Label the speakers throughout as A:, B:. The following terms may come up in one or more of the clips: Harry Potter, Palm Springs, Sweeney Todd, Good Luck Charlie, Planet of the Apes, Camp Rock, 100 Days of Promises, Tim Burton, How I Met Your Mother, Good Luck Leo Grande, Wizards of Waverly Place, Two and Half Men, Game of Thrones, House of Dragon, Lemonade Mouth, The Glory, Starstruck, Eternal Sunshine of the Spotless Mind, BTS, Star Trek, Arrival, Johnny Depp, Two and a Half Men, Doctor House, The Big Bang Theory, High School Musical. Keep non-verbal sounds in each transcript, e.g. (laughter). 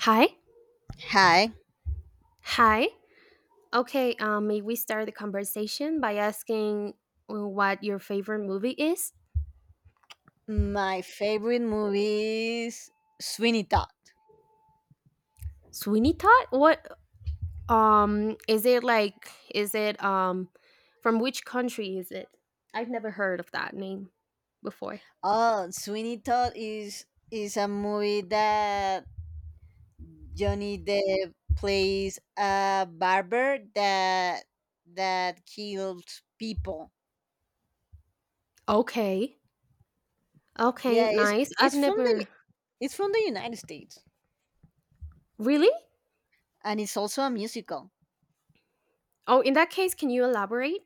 A: Hi.
B: Hi,
A: Hi. Okay, may we start the conversation by asking what your favorite movie is?
B: my favorite movie is Sweeney Todd.
A: Sweeney Todd? What is it like is it from which country is it? I've never heard of that name before.
B: Oh, Sweeney Todd is a movie that Johnny Depp plays a barber that kills people.
A: Okay. Okay,
B: Yeah, it's
A: nice. I've
B: it's from the
A: never.
B: it's from the United States,
A: Really?
B: and it's also a musical.
A: Oh, in that case, can you elaborate?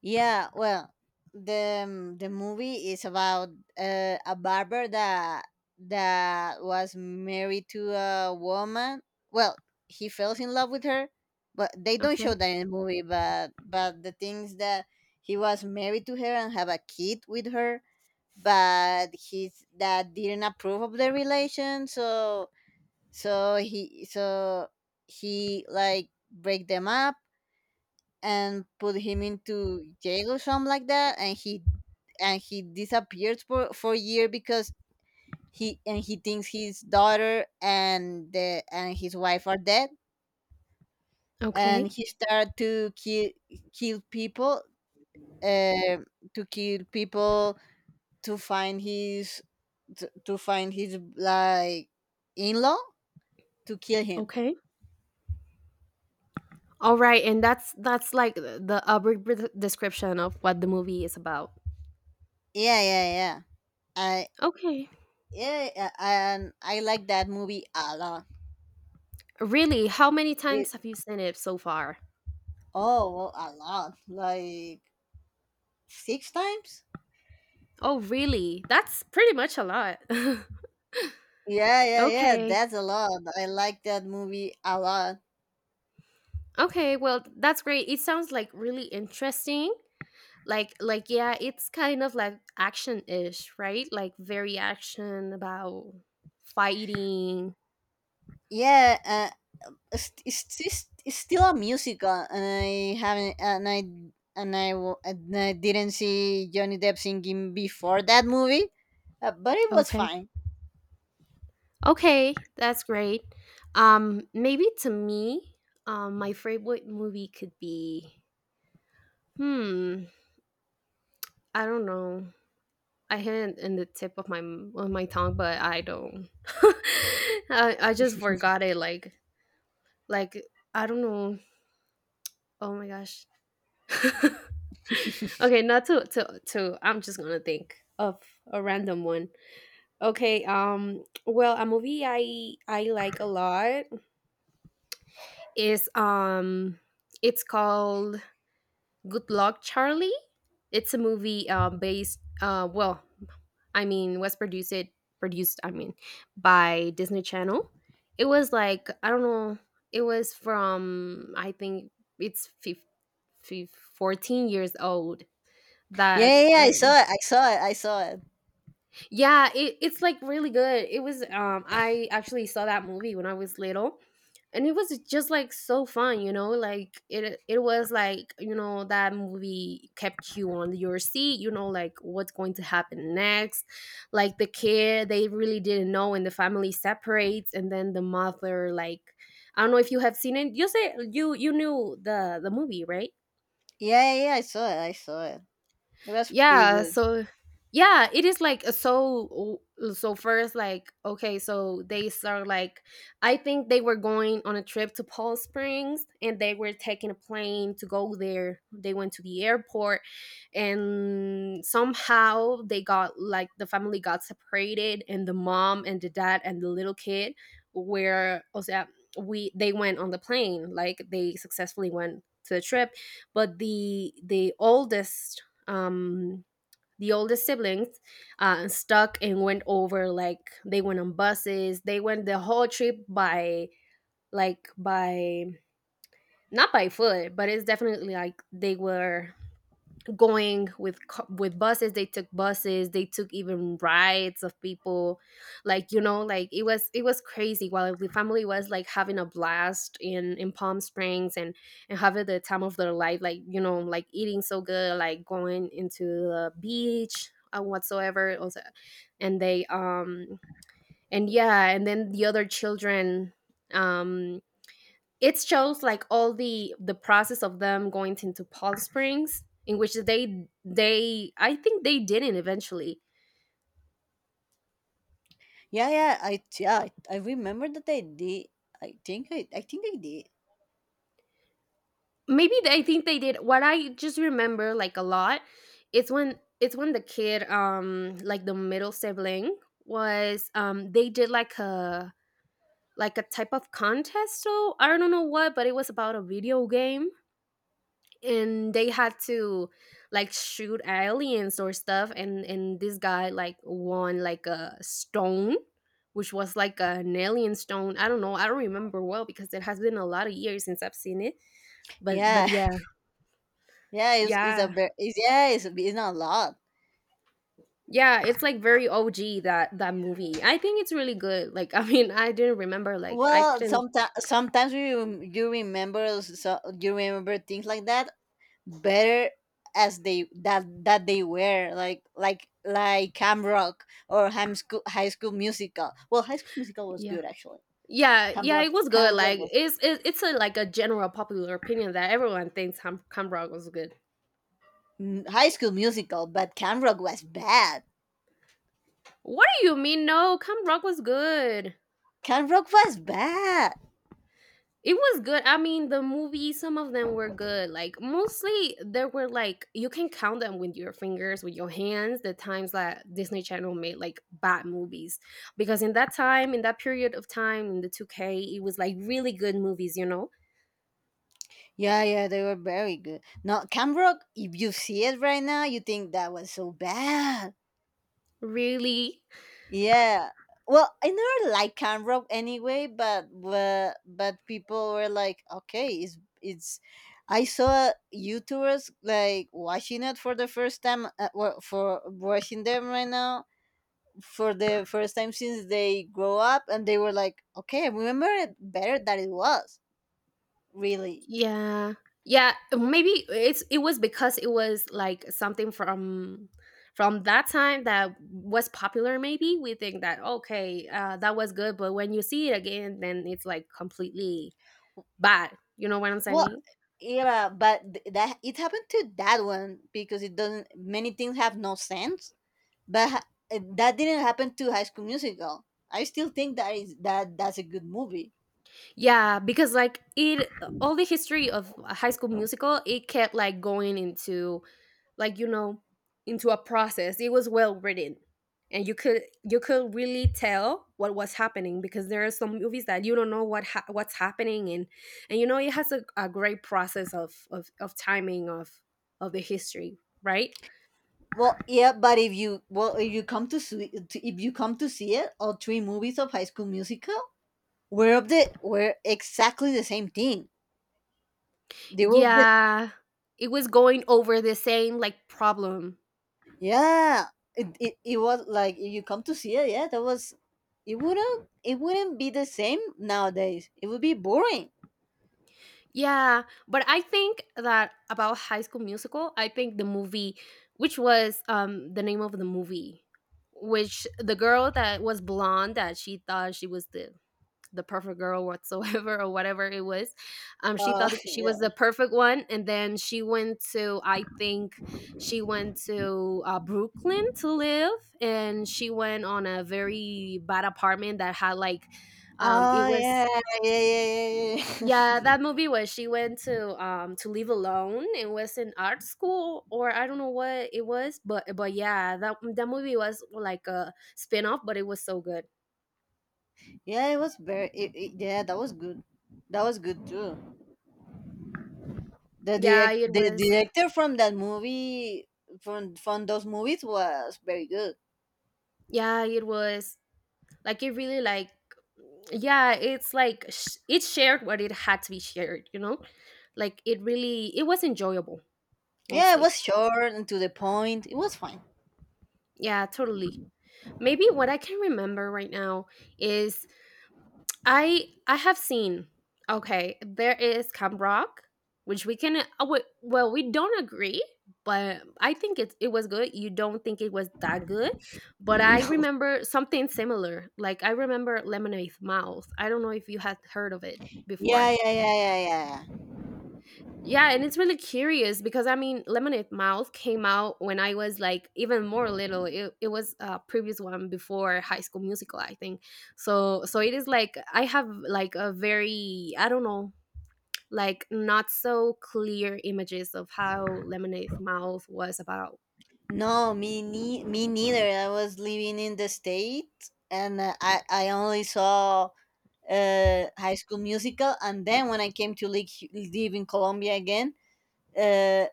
B: Yeah, well, the movie is about a barber that was married to a woman. Well, he falls in love with her, but they don't show
A: Okay.
B: that in the movie. But the things that he was married to her and have a kid with her, but his dad didn't approve of the relation, so so he so he like break them up and put him into jail or something like that and he disappeared for a year because he thinks his daughter and the and his wife are dead and
A: Okay.
B: he started to kill people uh, to kill people to find his to find his like in-law to kill him.
A: Okay. All right, and that's like the abridged description of what the movie is about.
B: Yeah, yeah, yeah, I
A: Okay.
B: yeah, yeah, and I like that movie a lot.
A: Really? How many times have you seen it so far?
B: Oh, well, a lot. Like six times?
A: Oh, really? That's pretty much a lot. (laughs)
B: Yeah, yeah, yeah.
A: Okay.
B: That's a lot. I like that movie a lot.
A: Okay, well, that's great. It sounds like really interesting. Yeah, it's kind of like action-ish, right? Like very action about fighting.
B: Yeah, it's still a musical, and I haven't, and I, wa- and I didn't see Johnny Depp singing before that movie, but it was
A: Okay.
B: fine.
A: Okay, that's great. Maybe to me, my favorite movie could be hmm, I don't know. I had it in the tip of my on my tongue, but I don't. (laughs) I just forgot it. Like I don't know. Oh my gosh. (laughs) Okay, not to to to. I'm just gonna think of a random one. Okay. Well, a movie I like a lot is it's called Good Luck Charlie. It's a movie I mean, was produced, I mean, by Disney Channel. It was like, I don't know. It was from, I think it's 14 years old that
B: Yeah, yeah, yeah, I saw it. I saw it.
A: yeah, it's like really good. It was I actually saw that movie when I was little and it was just like so fun, you know, like it was like, you know, that movie kept you on your seat, you know, like what's going to happen next. Like the kid, they really didn't know and the family separates and then the mother like, I don't know if you have seen it. You say you knew the movie, right?
B: Yeah, yeah, yeah, I saw it. I saw it. It was pretty
A: Yeah,
B: good.
A: so yeah, it is like so first like, okay, so they start like, I think they were going on a trip to Palm Springs and they were taking a plane to go there. They went to the airport and somehow they got like, the family got separated and the mom and the dad and the little kid were o sea, we they went on the plane, like they successfully went to the trip, but the oldest, um the oldest siblings stuck and went over. Like they went on buses, they went the whole trip by, like by, not by foot, but it's definitely like they were going with with buses. They took buses, they took even rides of people, like, you know, like it was, it was crazy while the family was like having a blast in Palm Springs and having the time of their life, like, you know, like eating so good, like going into the beach and whatsoever also, and they and yeah, and then the other children, um it shows like all the process of them going into Palm Springs, in which they, I think, they didn't eventually,
B: Yeah, yeah, yeah, I remember that I did. I think I did.
A: maybe they, I think they did. What I just remember like a lot, it's when, it's when the kid, like the middle sibling was, they did like a, like a type of contest, so I don't know what, but it was about a video game, and they had to like shoot aliens or stuff, and this guy like won like a stone, which was like an alien stone. I don't know, I don't remember well because it has been a lot of years since I've seen it, but
B: Yeah,
A: yeah.
B: (laughs) yeah, it's a
A: Yeah,
B: very, it's, yeah, it's not a lot.
A: yeah, it's like very OG. That that movie, I think it's really good, like (laughs) I mean, I didn't remember, like I
B: Well,
A: couldn't.
B: sometimes you remember, so you remember things like that better as they that that they were like Cam Rock or Ham School High School Musical. Well, High School Musical was
A: Yeah,
B: good, actually.
A: yeah, yeah, it was good.
B: Cam Rock
A: Like
B: was,
A: it's a, like a general popular opinion that everyone thinks Camp Rock was good.
B: mm, High School Musical, but Cam Rock was bad.
A: What do you mean? No, Come Rock was good.
B: Cam Rock was bad.
A: It was good. I mean, the movie, some of them were good. Like, mostly there were like, you can count them with your fingers, with your hands, the times that Disney Channel made like bad movies. Because in that time, in that period of time, in the 2K, it was like really good movies, you know?
B: Yeah, yeah, they were very good. No, Camp Rock, if you see it right now, you think that was so bad.
A: Really.
B: Yeah. Well, I never liked Camp Rock anyway, but but people were like, okay, it's. I saw YouTubers like watching it for the first time, for watching them right now for the first time since they grow up, and they were like, okay, I remember it better than it was. Really.
A: Yeah. Yeah, maybe it was because it was like something from that time that was popular, maybe. We think that okay, that was good, but when you see it again then it's like completely bad. You know what I'm saying?
B: Yeah, but that it happened to that one because it doesn't many things have no sense, but that didn't happen to High School Musical. I still think that is that that's a good movie.
A: Yeah, because like it all the history of High School Musical, it kept like going into, like, you know, into a process. It was well written, and you could really tell what was happening, because there are some movies that you don't know what what's happening, and you know, it has a great process of timing of the history, right.
B: Well, yeah, but if you come if you come to see it, all three movies of High School Musical were of the were exactly the same thing. they were the,
A: Yeah, it was going over the same like problem.
B: yeah, it was like if you come to see it, yeah, that was, it wouldn't be the same nowadays. It would be boring.
A: Yeah, but I think that about High School Musical, I think the movie, which was the name of the movie, which the girl that was blonde, that she thought she was the perfect girl whatsoever (laughs) or whatever it was, she
B: Oh,
A: thought that
B: (laughs)
A: she was
B: yeah.
A: the perfect one, and then she went to, I think she went to Brooklyn to live, and she went on a very bad apartment that had like, it
B: Oh yeah.
A: was,
B: Yeah, yeah, yeah,
A: yeah,
B: yeah.
A: that movie was, she went to leave alone and was in art school or I don't know what it was, but yeah, that that movie was like a spin-off, but it was so good.
B: (laughs) Yeah, it was very. It, yeah, that was good. That was good too.
A: Yeah, it
B: The
A: was.
B: director from that movie, from those movies, was very good.
A: Yeah, it was. Like it really like, yeah, it's like it shared what it had to be shared, you know? Like it really, it was enjoyable
B: Yeah, it
A: mostly.
B: was short and to the point. It was fine.
A: Yeah, totally. Maybe what I can remember right now is, I have seen. Okay, there is Camp Rock, which we can. Well, we don't agree, but I think it was good. You don't think it was that good, but
B: (laughs)
A: I
B: Yeah,
A: remember something similar. Like I remember Lemonade Mouth. I don't know if you had heard of it
B: yeah,
A: before.
B: yeah, yeah, yeah, yeah.
A: Yeah, and it's really curious because, I mean, Lemonade Mouth came out when I was like even more little. It was a previous one before High School Musical, I think. So it is like I have like a very, I don't know, like not so clear images of how Lemonade Mouth was about.
B: No, me neither. I was living in the state, and I only saw High School Musical, and then when I came to live, live in Colombia again, uh,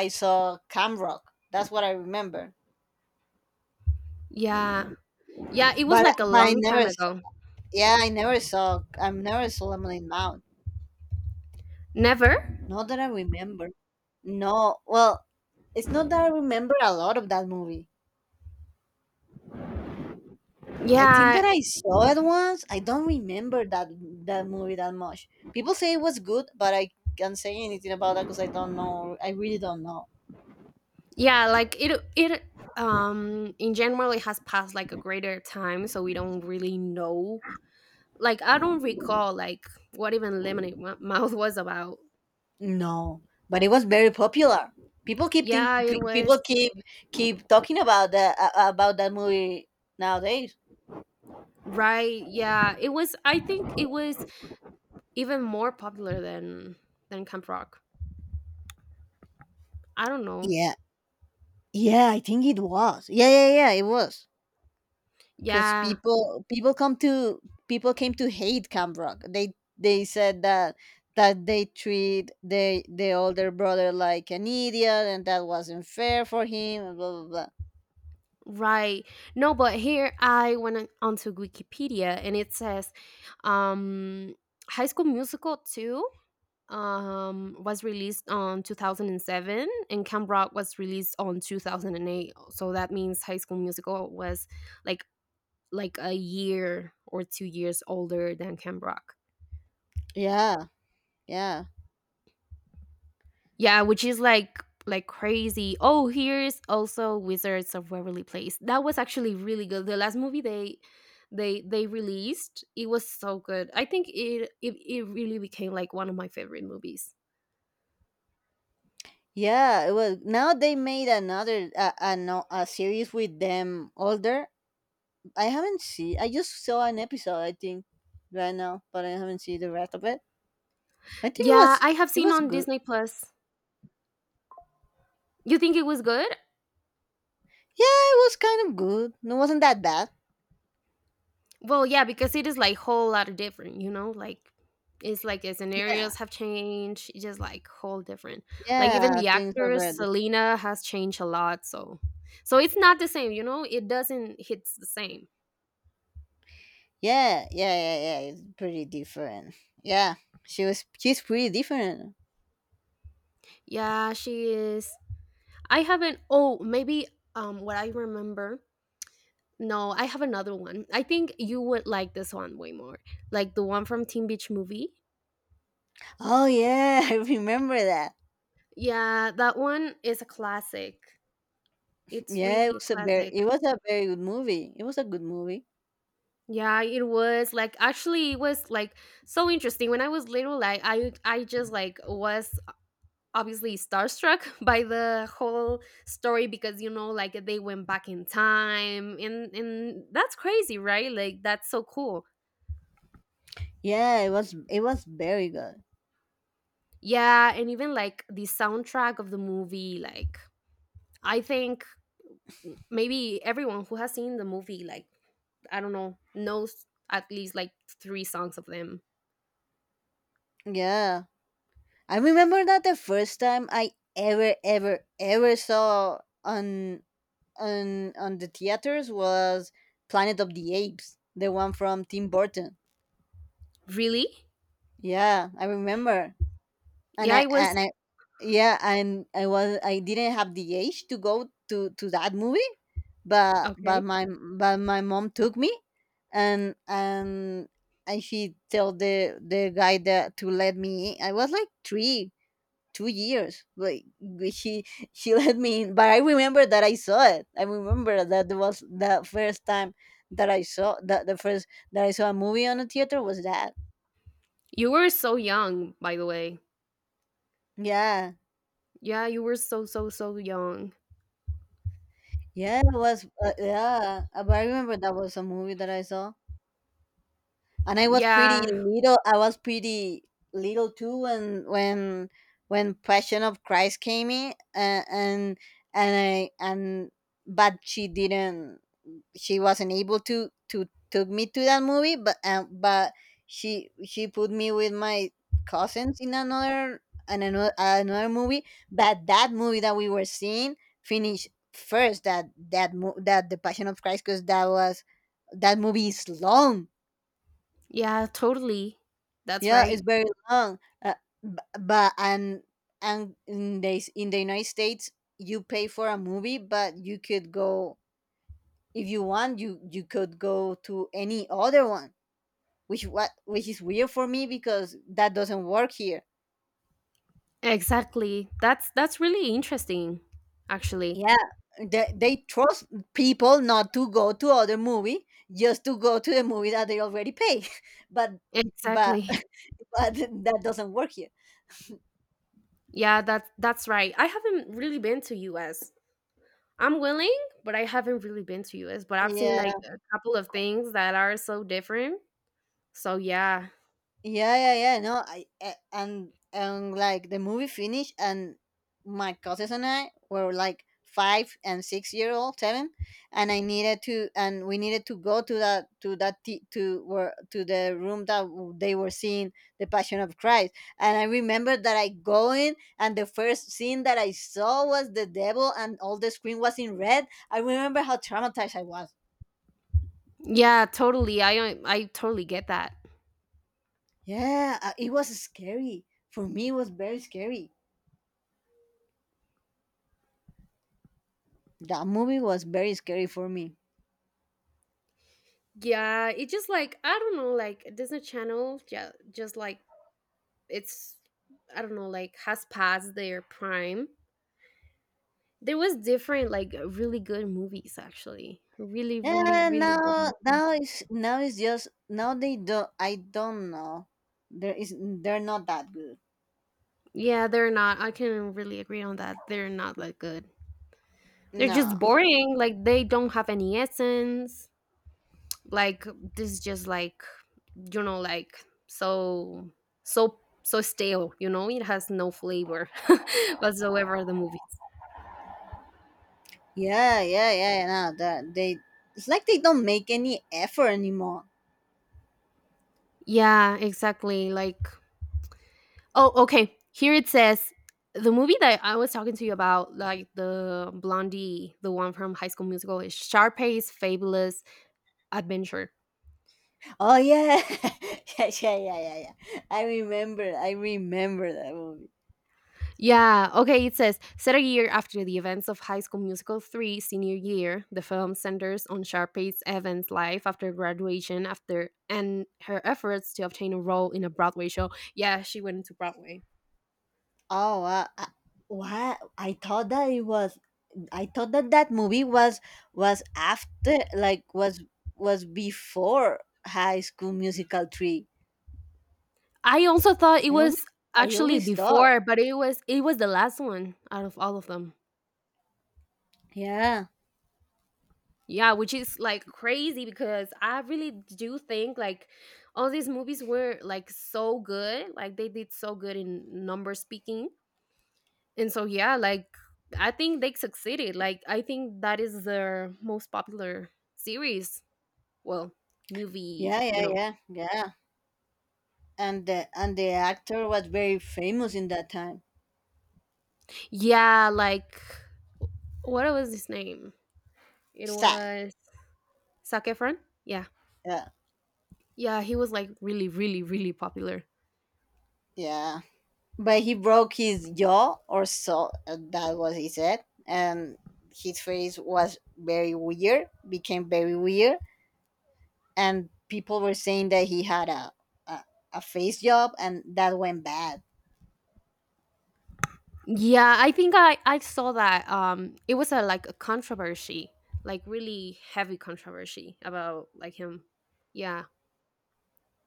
B: I saw Cam Rock. That's what I remember.
A: Yeah, yeah, it was
B: But
A: like a
B: I
A: long time
B: never saw,
A: ago.
B: yeah, I never saw Lemonade Mouth.
A: Never.
B: Not that I remember. No, well, it's not that I remember a lot of that movie. I think
A: Yeah,
B: that I saw it once. I don't remember that movie that much. People say it was good, but I can't say anything about that because I don't know. I really don't know.
A: yeah, like it, in general it has passed like a greater time, so we don't really know. Like I don't recall like what even (laughs) Mouth was about.
B: No, but it was very popular.
A: Yeah, it
B: People
A: was.
B: keep talking about that movie nowadays.
A: Right. Yeah, it was. I think it was even more popular than Camp Rock. I don't know.
B: Yeah, yeah, I think it was. Yeah, yeah, yeah, it was. Cause
A: Yeah,
B: people come to people came to hate Camp Rock. They said that that they treat the older brother like an idiot and that wasn't fair for him and blah blah blah.
A: right. No, but here I went onto Wikipedia, and it says, um, High School Musical 2 was released on 2007 and Camp Rock was released on 2008, so that means High School Musical was like like a year or 2 years older than Ken Brock.
B: Yeah, yeah.
A: Yeah, which is like crazy. Oh, here's also Wizards of Waverly Place. That was actually really good. The last movie they released, it was so good. I think it really became like one of my favorite movies.
B: Yeah, it was. Now they made another a no a series with them older. I haven't seen. I just saw an episode. I think Right now, but I haven't seen the rest of it. I think it
A: Yeah,
B: was
A: I have
B: It
A: seen
B: was
A: on
B: good.
A: Disney Plus. You think it was good?
B: Yeah, it was kind of good. It wasn't that bad.
A: Well, yeah, because it is like whole lot of different, you know, like it's like the
B: Yeah,
A: scenarios have changed, it's just like whole different. Like even
B: yeah,
A: the
B: things are
A: actors,
B: very. Di-
A: Selena has changed a lot, so so it's not the same, you know, it doesn't hits the same.
B: Yeah, yeah, yeah, yeah. It's pretty different. Yeah, she was. She's pretty different.
A: Yeah, she is. I haven't, oh, maybe what I remember. No, I have another one. I think you would like this one way more. Like the one from Teen Beach movie.
B: Oh yeah, (laughs) I remember that.
A: Yeah, that one is a classic. It's
B: Yeah,
A: really a
B: It
A: classic.
B: was a very good movie. It was a good movie.
A: Yeah, it was like, actually it was like so interesting. When I was little, like I just like was obviously starstruck (laughs) by the whole story, because you know like they went back in time, and that's crazy, right? Like that's so cool.
B: Yeah, it was very good.
A: Yeah, and even like the soundtrack of the movie, like I think maybe everyone who has seen the movie, like I don't know, knows at least like three songs of them.
B: Yeah. I remember that the first time I ever saw on on the theaters was Planet of the Apes, the one from Tim Burton.
A: Really?
B: Yeah, I remember.
A: Yeah, it
B: And
A: was
B: I Yeah, and I didn't have the age to go to that movie, but
A: okay.
B: but my mom took me, and and she told the guy that to let me in. I was like 3, 2 years, like, she (laughs) let me in. But I remember that I saw it. I remember that it was the first time that I saw that the first that I saw a movie on a theater was that.
A: You were so young, by the way.
B: Yeah,
A: Yeah, you were so, so, so young.
B: yeah, it was yeah, but I remember that was a movie that I saw and I was pretty
A: Yeah,
B: little. I was pretty little too when when Passion of Christ came in, and I and but she didn't. She wasn't able to took me to that movie, but she put me with my cousins in another and another another movie. But that movie that we were seeing finished first. That the Passion of Christ, because that was that movie is long.
A: yeah, totally. That's
B: Yeah,
A: right.
B: it's very long. B- but and in the United States, you pay for a movie, but you could go if you want. You could go to any other one, which what which is weird for me because that doesn't work here.
A: Exactly. That's really interesting, actually.
B: Yeah, they trust people not to go to other movie, just to go to the movie that they already pay, (laughs) but but
A: Exactly. (laughs)
B: (laughs) but that doesn't work here.
A: Yeah, that that's right. I haven't really been to US. I'm willing, but I haven't really been to US, but I've seen like
B: Yeah.
A: a couple of things that are so different. So yeah.
B: Yeah, yeah, yeah. No, I and like the movie finished, and my cousins and I were like 5 and 6 year old, seven, and we needed to go to that t- to where to the room that they were seeing the Passion of Christ, and I remember that I go in, and the first scene that I saw was the devil, and all the screen was in red. I remember how traumatized I was.
A: Yeah, totally. I totally get that.
B: Yeah, it was scary for me. It was very scary. That movie was very scary for me.
A: Yeah, it just like I don't know, like Disney Channel, yeah, just like it's I don't know, like has passed their prime. There was different, like really good movies actually. Really, really,
B: Yeah,
A: really good
B: now
A: movies.
B: now is now it's just now they don't, I don't know. There is, they're not that good.
A: Yeah, they're not. I can really agree on that. They're not like good. They're
B: No.
A: just boring. Like they don't have any essence. Like this is just like like so stale. You know, it has no flavor (laughs) whatsoever. The movies.
B: Yeah, yeah, yeah, yeah. No, that they it's like they don't make any effort anymore.
A: Yeah, exactly. Like oh, okay. Here it says the movie that I was talking to you about, like the Blondie, the one from High School Musical, is Sharpay's Fabulous Adventure.
B: Oh yeah, (laughs) yeah, yeah, yeah, yeah, yeah. I remember that movie.
A: Yeah, okay, it says set a year after the events of High School Musical 3 senior year, the film centers on Sharpay's Evans' life after graduation after and her efforts to obtain a role in a Broadway show. Yeah, she went into Broadway.
B: Oh, wow. What? I thought that it was, I thought that that movie was after like was before High School Musical 3.
A: I also thought it
B: I always
A: was
B: I
A: actually
B: always thought.
A: before, but it was the last one out of all of them.
B: Yeah.
A: Yeah, which is like crazy because I really do think like all these movies were like so good. Like they did so good in number speaking. And so yeah, like I think they succeeded. Like I think that is their most popular series. Well, movie,
B: Yeah, yeah,
A: you know.
B: yeah. Yeah. And the actor was very famous in that time.
A: Yeah, like what was his name? It
B: Sai.
A: was Zac Efron. Yeah.
B: Yeah.
A: Yeah, he was like really, really, really popular.
B: Yeah. But he broke his jaw or so, that was he said, and his face was very weird, became very weird, and people were saying that he had a, a face job and that went bad.
A: Yeah, I think I saw that. It was a like a controversy, like really heavy controversy about like him. Yeah,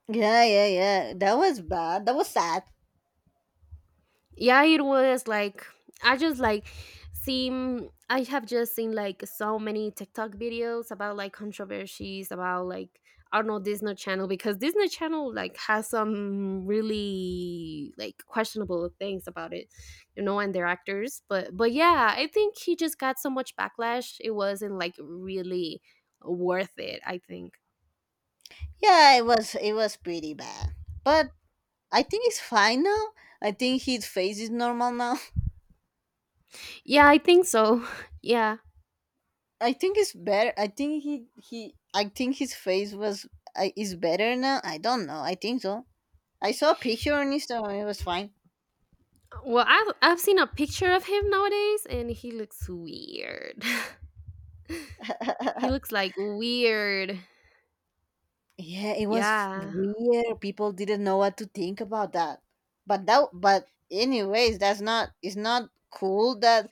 B: Yeah, yeah, yeah. That was bad. That was sad.
A: yeah it was like I just like seen I have just seen like so many TikTok videos about like controversies about like I don't know Disney Channel because Disney Channel like has some really like questionable things about it, you know, and their actors, but yeah I think he just got so much backlash it wasn't like really worth it, I think.
B: Yeah, it was pretty bad. But I think it's fine now. I think his face is normal now.
A: Yeah, I think so. (laughs) Yeah,
B: (laughs) I think it's better. I think he I think his face was is better now. I don't know. I think so. I saw a picture on Instagram. It was fine.
A: well, I've seen a picture of him nowadays and he looks weird. (laughs) He
B: (laughs)
A: looks like weird.
B: Yeah,
A: Yeah.
B: weird. People didn't know what to think about that. But that, but anyways, that's not. It's not cool that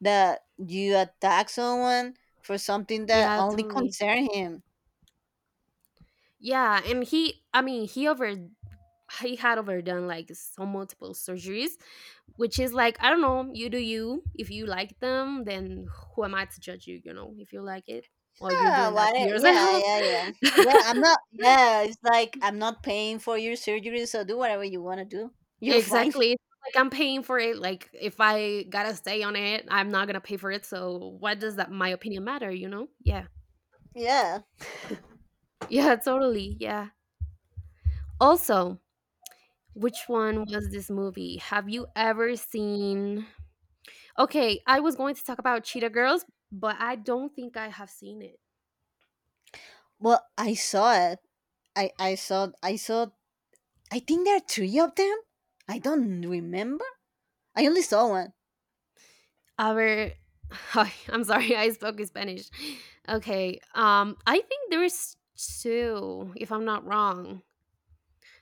B: you attack someone for something that
A: Yeah,
B: only
A: totally.
B: concern him.
A: Yeah, and he I mean, he had overdone like some multiple surgeries, which is like I don't know, you do you. If you like them, then who am I to judge you, you know, if you like it or you're doing that to
B: Yeah,
A: yourself.
B: yeah, yeah. Yeah,
A: (laughs)
B: I'm not. Yeah, it's like I'm not paying for your surgery, so do whatever you want to do. You're fine.
A: Exactly.
B: (laughs)
A: Like I'm paying for it. Like if I got to stay on it, I'm not going to pay for it. So what does that my opinion matter, you know? Yeah.
B: Yeah.
A: Yeah, totally. Yeah. Also, which one was this movie? Have you ever seen? Okay, I was going to talk about Cheetah Girls, but I don't think I have seen it.
B: Well, I saw it. I saw I saw I think there are three of them. I don't remember. I only saw one.
A: A ver, (laughs) I'm sorry, I spoke in Spanish. Okay, I think there's two, if I'm not wrong.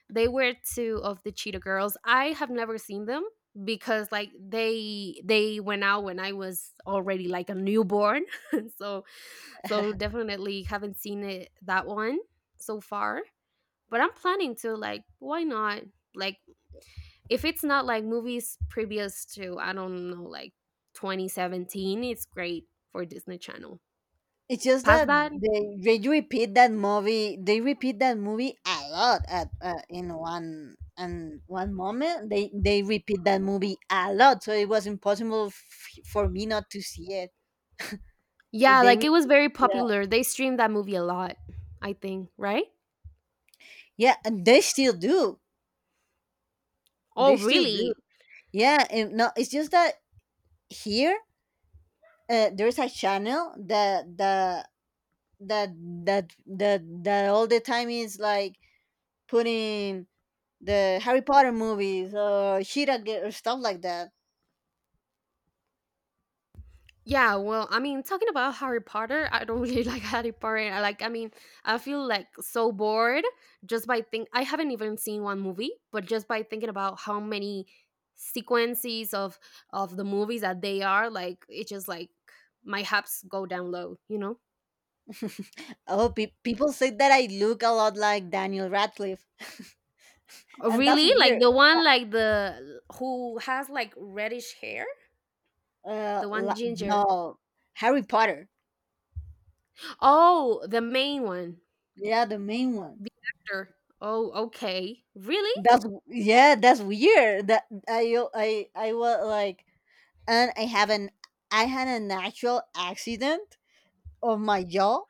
A: They were two of the Cheetah Girls. I have never seen them because like they went out when I was already like a newborn, (laughs) so so definitely haven't seen it that one so far, but I'm planning to, like why not, like if it's not like movies previous to I don't know like 2017 it's great for Disney Channel.
B: It's just
A: Past
B: that
A: that?
B: they repeat that movie. They repeat that movie a lot at in one and one moment. They repeat that movie a lot, so it was impossible for me not to see it. And
A: Yeah,
B: They re-
A: like it was very
B: yeah,
A: popular. They streamed that movie a lot, I think, right?
B: yeah, and they still do. They
A: Oh,
B: still do.
A: really?
B: Yeah, and no, it's just that here, there's a channel that that all the time is like putting the Harry Potter movies or Shira or stuff like that.
A: Yeah, well, I mean, talking about Harry Potter, I don't really (laughs) like Harry Potter. I like, I mean, I feel like so bored just by think. I haven't even seen one movie, but just by thinking about how many sequences of the movies that they are, like it just like my haps go down low, you know.
B: (laughs) Oh, people say that I look a lot like Daniel Radcliffe, (laughs)
A: Oh,
B: and that's
A: really, like
B: weird.
A: the one like the who has like reddish hair, the one ginger.
B: No, Harry Potter.
A: Oh, the main one,
B: Yeah, the main one.
A: the actor. Oh, okay, really,
B: That's Yeah, that's weird. That I was like, and I have an I had a natural accident of my jaw,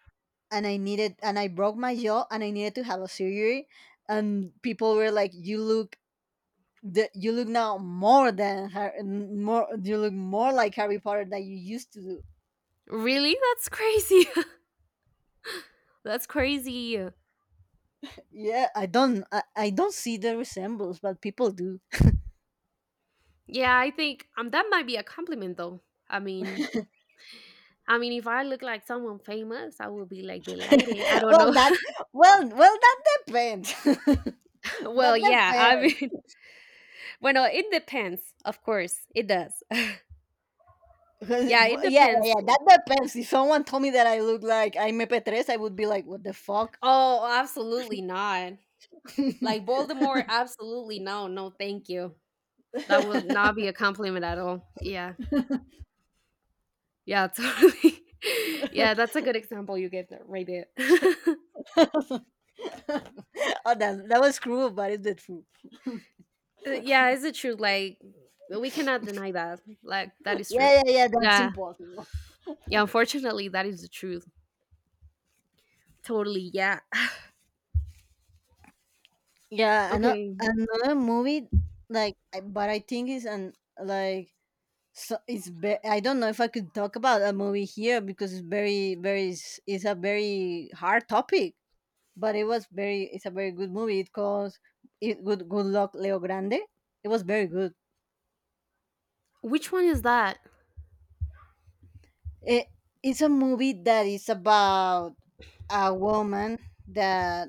B: and I broke my jaw, and I needed to have a surgery, and people were like, "You look you look now more you look more like Harry Potter than you used to do."
A: really, that's crazy. (laughs) That's crazy.
B: Yeah, I don't see the resemblance, but people do.
A: Yeah, I think that might be a compliment though. I mean, I mean if I look like someone famous, I will be like delighted. I
B: (laughs)
A: don't
B: Well,
A: know.
B: that well well that depends. (laughs)
A: (laughs)
B: That
A: Well, yeah, I
B: depends.
A: mean, (laughs) well, no, it depends. Of course, it does. (laughs) Yeah, it
B: Yeah, yeah,
A: depends.
B: yeah. That depends. If someone told me that I look like Jaime Petres, I would be like, what the fuck?
A: Oh, absolutely not. Like
B: (laughs)
A: Voldemort, absolutely no. No, thank you. That will not
B: Oh,
A: be a compliment at all. Yeah. Yeah, (laughs) totally. Yeah, that's a good example you gave there, right there. (laughs)
B: that was cruel, but it's the truth.
A: Yeah, it's the truth. Like we cannot deny that. Like that is true.
B: Yeah, yeah, yeah. That's
A: Yeah,
B: impossible.
A: yeah. Unfortunately, that is the truth. Totally. Yeah. (laughs)
B: Yeah, another
A: Okay.
B: another movie, but I think it's an, like I don't know if I could talk about a movie here because it's very, very, it's a very hard topic. But it's a very good movie. It calls it Good Luck Leo Grande. It was very good.
A: Which one is that?
B: It it's a movie that is about a woman that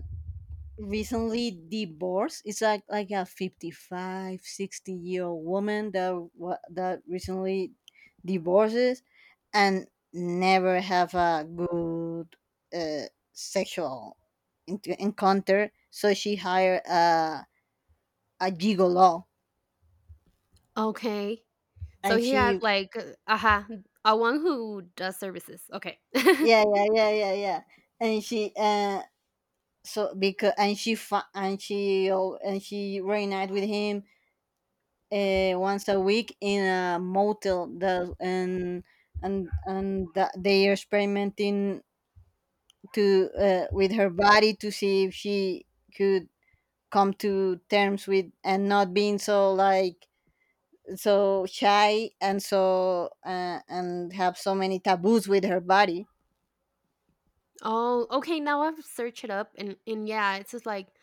B: recently divorced. It's like a 55-60 year old woman that recently divorces and never have a good, uh, sexual encounter. So she hired a gigolo,
A: Okay. So
B: and
A: he had
B: she,
A: like a one who does services. Okay. (laughs)
B: yeah, yeah, yeah, yeah, yeah, and she so because and she fi- and she oh, and she reunited with him, once a week in a motel, and they are experimenting, to with her body to see if she could come to terms with and not being so, like, so shy and so, and have so many taboos with her body.
A: Oh, okay. Now I've searched it up, and yeah, it says like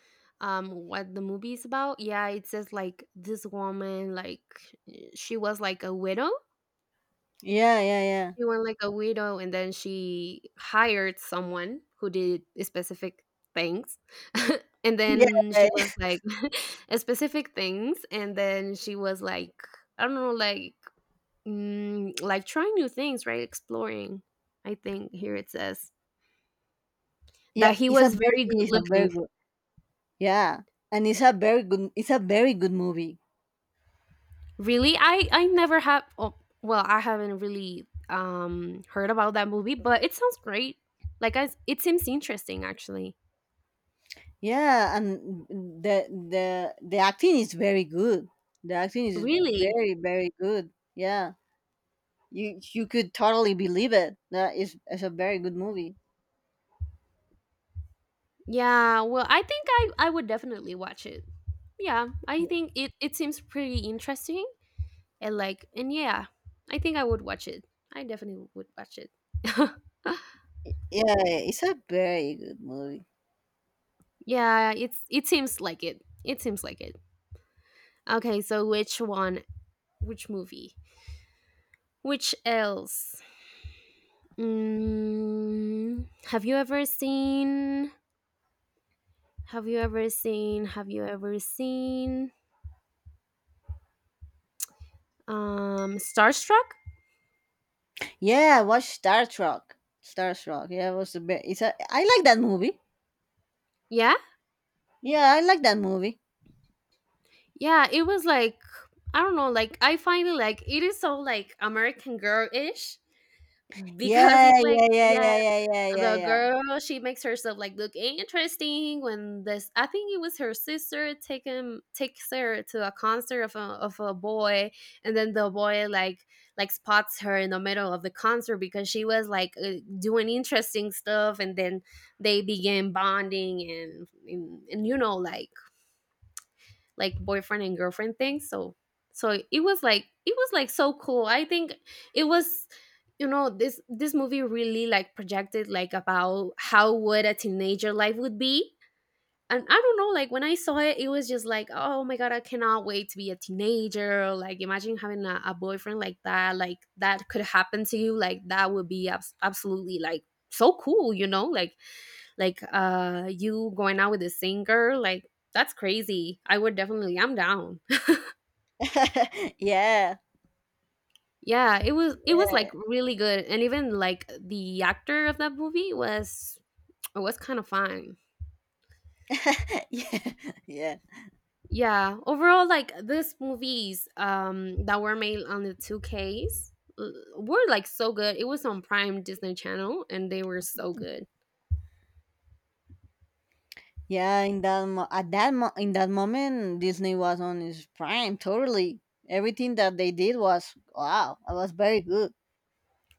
A: what the movie is about, yeah it says like this woman like she was like a widow.
B: Yeah, yeah, yeah,
A: She went like a widow, and then she hired someone who did specific things. (laughs) And then she
B: yeah,
A: was like (laughs) specific things, and then she was like, I don't know, like mm, like trying new things, right? Exploring. I think here it says
B: yeah,
A: that he was very good
B: it's a very
A: looking.
B: good. Yeah, and it's a very good movie.
A: Really, I never have. Oh, well, I haven't really heard about that movie, but it sounds great. Like I, it seems interesting actually.
B: Yeah, and the acting is very good. The acting is
A: Really?
B: very, very good. Yeah, you could totally believe it. That is It's a very good movie.
A: Yeah, well, I think I would definitely watch it. Yeah, I think it it seems pretty interesting and like and yeah, I think I would watch it. I definitely would watch it. (laughs)
B: Yeah, it's a very good movie.
A: Yeah, it's it seems like it. It seems like it. Okay, so which one? Which movie? Which else? Mm, have you ever seen? Have you ever seen? Have you ever seen? Starstruck?
B: Yeah, watch Star Trek. Star Trek. Yeah, it was a bit. It's a. I like that movie.
A: Yeah.
B: Yeah, I like that movie.
A: Yeah, it was like I don't know, like I find it like it is so like American girl ish because
B: Yeah,
A: it like
B: yeah, yeah,
A: yeah,
B: yeah, yeah, yeah, yeah,
A: the
B: yeah.
A: girl she makes herself like look interesting when this I think it was her sister taking takes her to a concert of a boy and then the boy like spots her in the middle of the concert because she was like doing interesting stuff and then they began bonding and you know like boyfriend and girlfriend thing. So it was like so cool. I think it was, you know, this movie really like projected like about how would a teenager life would be and I don't know like when I saw it it was just like oh my god I cannot wait to be a teenager like imagine having a boyfriend like that could happen to you like that would be absolutely like so cool you know like you going out with a singer like that's crazy I would definitely I'm down.
B: (laughs) Yeah,
A: (laughs) Yeah it was
B: yeah,
A: like really good and even like the actor of that movie was it was kind of fine.
B: (laughs) yeah, (laughs) yeah.
A: Yeah overall like these movies that were made on the 2Ks were like so good, it was on prime Disney Channel and they were so good.
B: Yeah, in that mo- at that mo- in that moment, Disney was on its prime. Totally, everything that they did was wow. It was very good.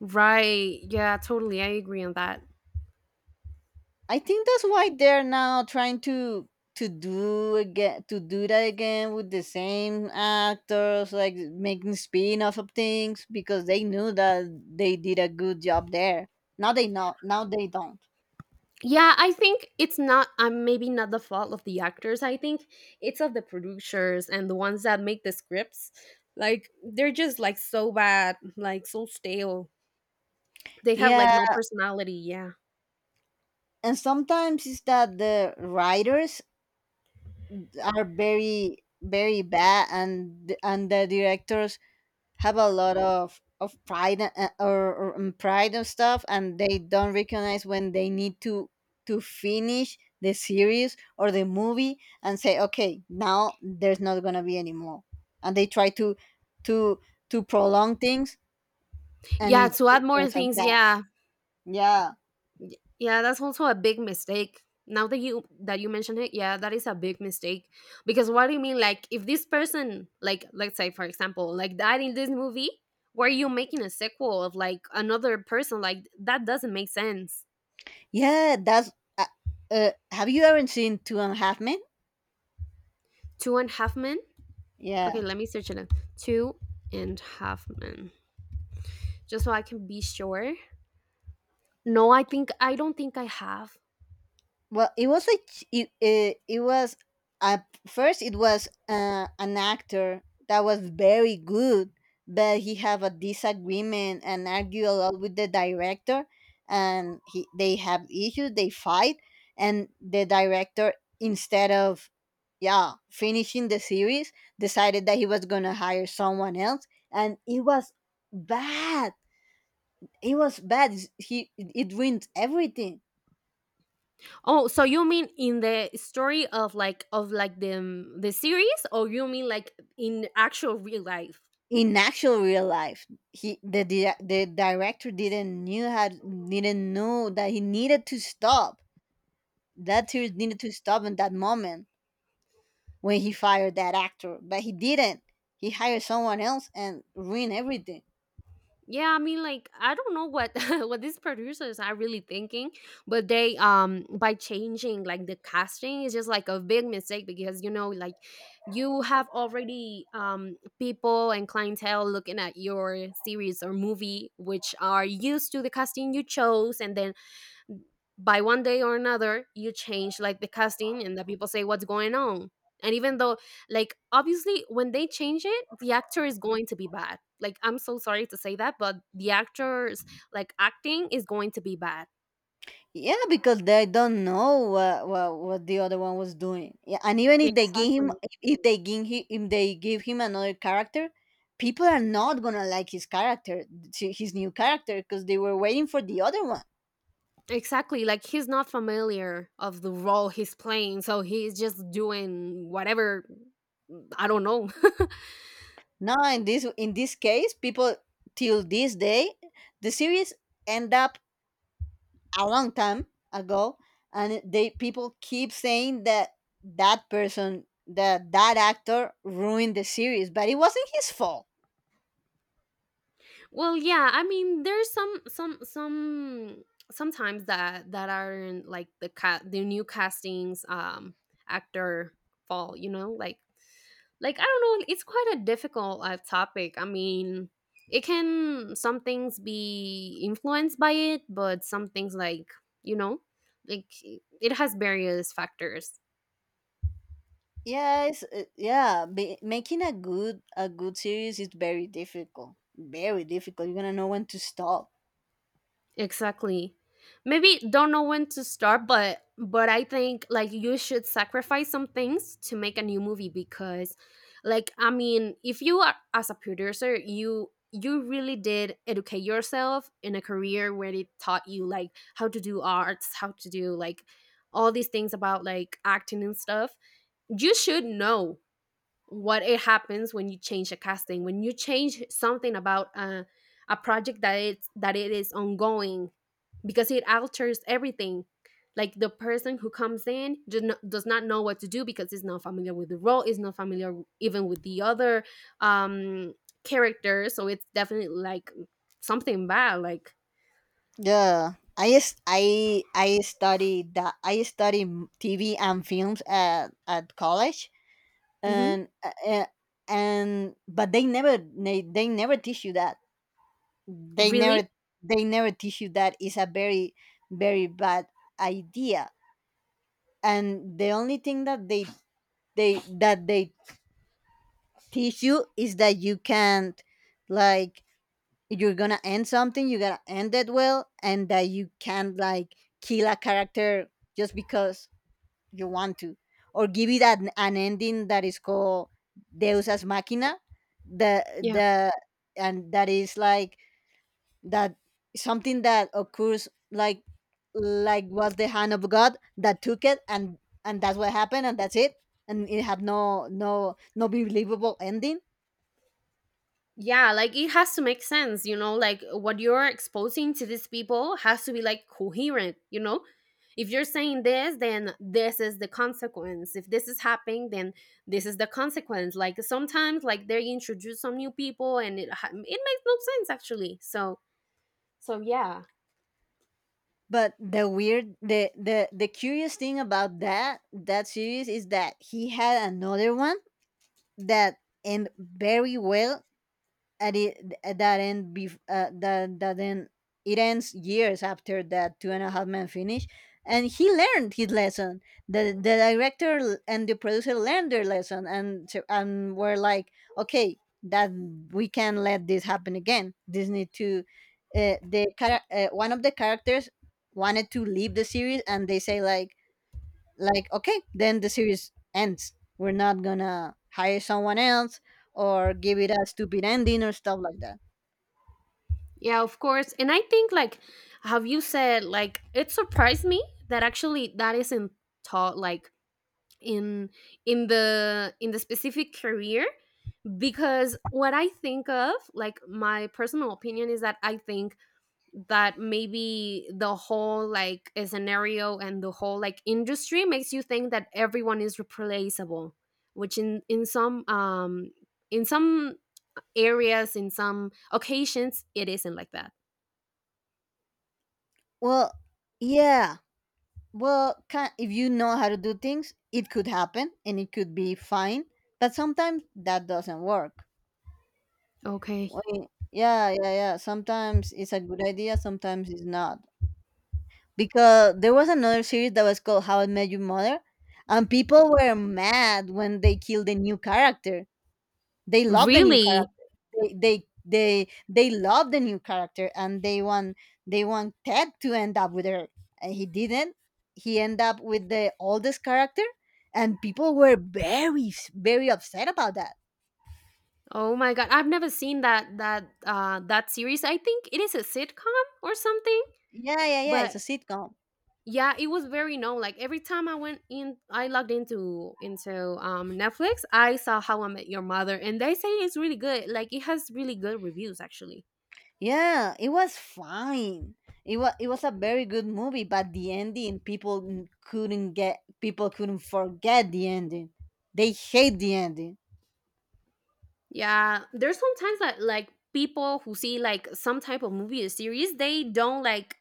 A: Right, yeah totally I agree on that.
B: I think that's why they're now trying to do that again with the same actors, like making spin off of things because they knew that they did a good job there. Now they know. Now they don't.
A: Yeah, I think it's not maybe not the fault of the actors. I think it's of the producers and the ones that make the scripts. Like they're just like so bad, like so stale. They have
B: Yeah,
A: like no personality, yeah.
B: and sometimes it's that the writers are very, very bad and the directors have a lot of pride and, or pride and stuff, and they don't recognize when they need to finish the series or the movie and say, okay, now there's not gonna be any more, and they try to to prolong things, and
A: Yeah,
B: it,
A: to
B: it
A: add more
B: turns out
A: things,
B: bad.
A: yeah.
B: Yeah,
A: Y- Yeah, that's also a big mistake. Now that you mention it, yeah, that is a big mistake. Because what do you mean like if this person like let's say for example, like died in this movie, why are you making a sequel of like another person, like that doesn't make sense.
B: yeah, that's, uh, have you ever seen Two and a Half Men?
A: Two and Half Men. Okay,
B: Yeah.
A: let me search it up. Two and Half Men, just so I can be sure. No, I think I don't think I have.
B: Well, it was like it was at first it was, an actor that was very good, but he have a disagreement and argue a lot with the director, and he they have issues, they fight, and the director, instead of, yeah, finishing the series, decided that he was gonna hire someone else, and it was bad. It was bad. He It ruined everything.
A: Oh, so you mean in the story of like the series, or you mean like in actual real life?
B: In actual real life, the director didn't knew had didn't know that he needed to stop, that series needed to stop in that moment when he fired that actor, but he didn't. He hired someone else and ruined everything.
A: Yeah, I mean, like I don't know what (laughs) what these producers are really thinking, but they by changing like the casting is just like a big mistake because you know like you have already people and clientele looking at your series or movie which are used to the casting you chose and then by one day or another you change like the casting and the people say what's going on and even though like obviously when they change it the actor is going to be bad like I'm so sorry to say that but the actor's like acting is going to be bad.
B: Yeah, because they don't know what, what the other one was doing. Yeah, and even
A: Exactly,
B: if they give him another character, people are not gonna like his new character because they were waiting for the other one.
A: exactly like he's not familiar of the role he's playing so he's just doing whatever, I don't know.
B: No, in this case, people, till this day, the series end up a long time ago, and they people keep saying that that person, that actor ruined the series, but it wasn't his fault.
A: Well, yeah. I mean, there's some sometimes that that aren't like the new castings actor fall. You know, like I don't know. It's quite a difficult topic. I mean, it can some things be influenced by it, but some things you know like it has various factors.
B: Yeah, it's, yeah. Making a good series is very difficult. Very difficult. You're gonna know when to stop.
A: Exactly. Maybe don't know when to start, but I think like you should sacrifice some things to make a new movie because like I mean, if you are as a producer, you really did educate yourself in a career where it taught you like how to do arts, how to do like all these things about like acting and stuff. You should know what it happens when you change a casting, when you change something about a project that it is ongoing because it alters everything. Like the person who comes in does not know what to do because is not familiar with the role, is not familiar even with the other um, characters. So it's definitely like something bad. Like,
B: Yeah, I s- I study that I study, TV and films at college,
A: mhm.
B: and, but they never, they never teach you that. they
A: Really?
B: never they never teach you that is a very, very bad idea. And the only thing that they teach you is that you can't, like, if you're gonna end something, you gotta end it well, and that you can't, like, kill a character just because you want to, or give it an ending that is called deus as machina. the
A: Yeah.
B: the and that is like, that something that occurs, like, was the hand of god that took it, and that's what happened, and that's it, and it had no believable ending.
A: Yeah, like it has to make sense, you know, like what you're exposing to these people has to be like coherent, you know? If you're saying this, then this is the consequence. If this is happening, then this is the consequence. Like sometimes like they introduce some new people and it makes no sense actually. So so yeah.
B: But the weird, the curious thing about that, that series, is that he had another one that end very well. At it at that end be that that Then it ends years after that Two and a Half Men finish, and he learned his lesson. The and the producer learned their lesson, and, and were like, okay, that we can't let this happen again. Disney, one of the characters wanted to leave the series, and they say like, okay, then the series ends. We're not gonna hire someone else or give it a stupid ending or stuff like that.
A: Yeah, of course. And I think like have you said like it surprised me that actually that isn't taught like in in the specific career because what I think of like my personal opinion is that I think that maybe the whole like scenario and the whole like industry makes you think that everyone is replaceable, which in some in some areas in some occasions it isn't like that.
B: Well, yeah, well, if you know how to do things it could happen and it could be fine, but sometimes that doesn't work.
A: Okay.
B: When- yeah, yeah, yeah, sometimes it's a good idea, sometimes it's not, because there was another series that was called How I Met Your Mother, and people were mad when they killed the new character. They love the new
A: Really?
B: character. They love the new character and they want Ted to end up with her, and he didn't. He ended up with the oldest character, and people were very, very upset about that.
A: Oh my god, I've never seen that series. I think it is a sitcom or something.
B: Yeah, yeah, yeah, it's
A: But
B: a sitcom.
A: yeah, it was very known, like every time I went in, I logged into Netflix, I saw How I Met Your Mother, and they say it's really good, like it has really good reviews actually.
B: Yeah, it was fine, it was a very good movie, but the ending, people couldn't forget the ending. They hate the ending.
A: Yeah, there's sometimes that like people who see like some type of movie or series, they don't like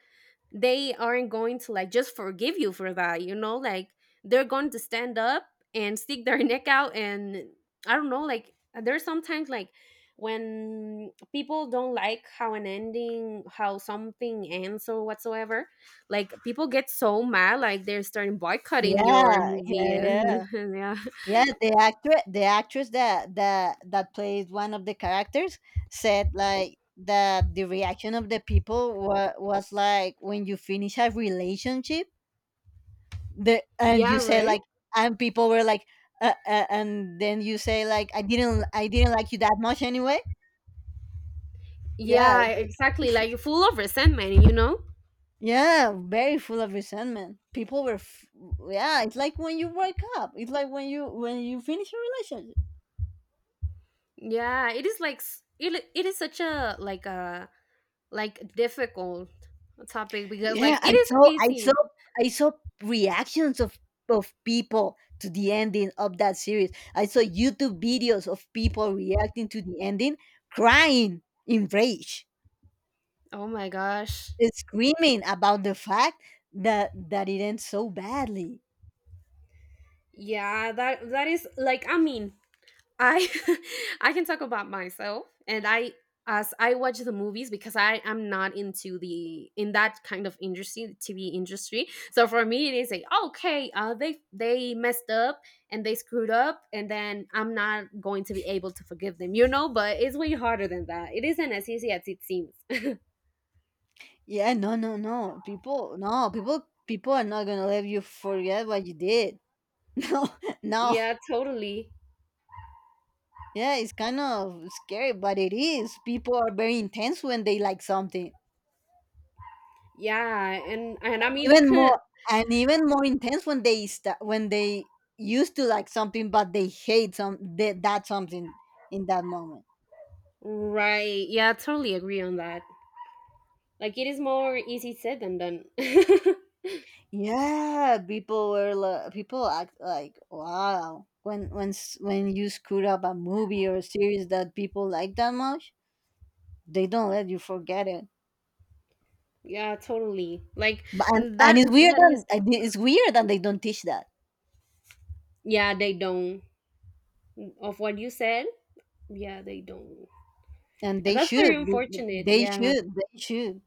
A: they aren't going to like just forgive you for that, you know? Like they're going to stand up and stick their (laughs) neck out and I don't know, like there's sometimes like when people don't like how an ending how something ends or whatsoever, like people get so mad, like they're starting boycotting your
B: Yeah,
A: movie
B: yeah,
A: and
B: yeah.
A: (laughs) yeah.
B: Yeah, the actress that plays one of the characters said like that the reaction of the people was like when you finish a relationship, the and you
A: Yeah,
B: say like,
A: right.
B: and people were like, and then you say like, I didn't, I didn't like you that much anyway. Yeah,
A: Yeah, exactly. Like full of resentment, you know?
B: yeah, very full of resentment. People were, yeah. It's like when you break up. It's like when you finish a relationship.
A: Yeah, it is like it it is such a like difficult topic because
B: Yeah,
A: like it is easy.
B: I saw reactions of people to the ending of that series. I saw YouTube videos of people reacting to the ending, crying in rage,
A: Oh my gosh.
B: screaming about the fact that it ends so badly.
A: Yeah, that that is like I mean, I (laughs) I can talk about myself and I as I watch the movies because I am not into the in that kind of industry, TV industry. So for me it is a okay, they messed up and they screwed up and then I'm not going to be able to forgive them, you know, but it's way harder than that. It isn't as easy as it seems. (laughs)
B: Yeah, no, no, no. People are not gonna let you forget what you did. (laughs) No, no.
A: Yeah, totally.
B: Yeah, it's kind of scary, but it is. People are very intense when they like something.
A: Yeah, and I mean it
B: Even
A: could
B: more, and even more intense when, when they used to like something, but they hate some that that something in that moment.
A: right. Yeah, I totally agree on that. Like it is more easy said than done. (laughs)
B: Yeah, people act like wow when, when you screwed up a movie or a series that people like that much, they don't let you forget it.
A: Yeah, totally. Like
B: but and, and
A: that
B: it's weird
A: that
B: that
A: is
B: they don't teach that,
A: yeah, they don't. Of what you said, yeah, they don't.
B: and
A: And that's very unfortunate. Yeah.
B: they should.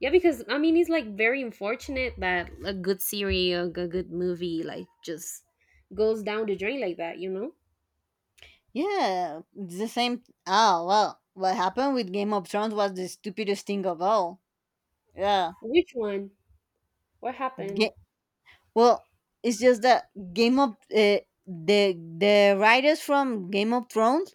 A: Yeah, because I mean it's like very unfortunate that a good series a good movie like just goes down the drain like that, you know?
B: Yeah, it's the same. Oh, well, what happened with Game of Thrones was the stupidest thing of all. Yeah.
A: Which one? What happened?
B: Ga- well, it's just that Game of the writers from Game of Thrones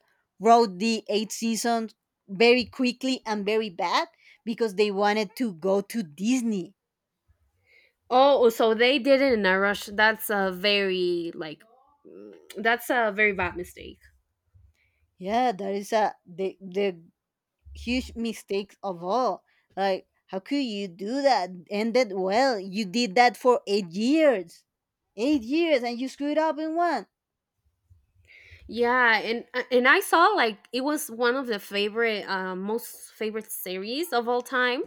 B: wrote the eight seasons very quickly and very bad because they wanted to go to Disney.
A: Oh, so they did it in a rush. That's a very like that's a very bad mistake.
B: Yeah, that is a the huge mistakes of all. Like, how could you do that? Ended well. You did that for 8 years. 8 years and you screwed up in one.
A: Yeah, and I saw like it was one of the favorite, most favorite series of all time.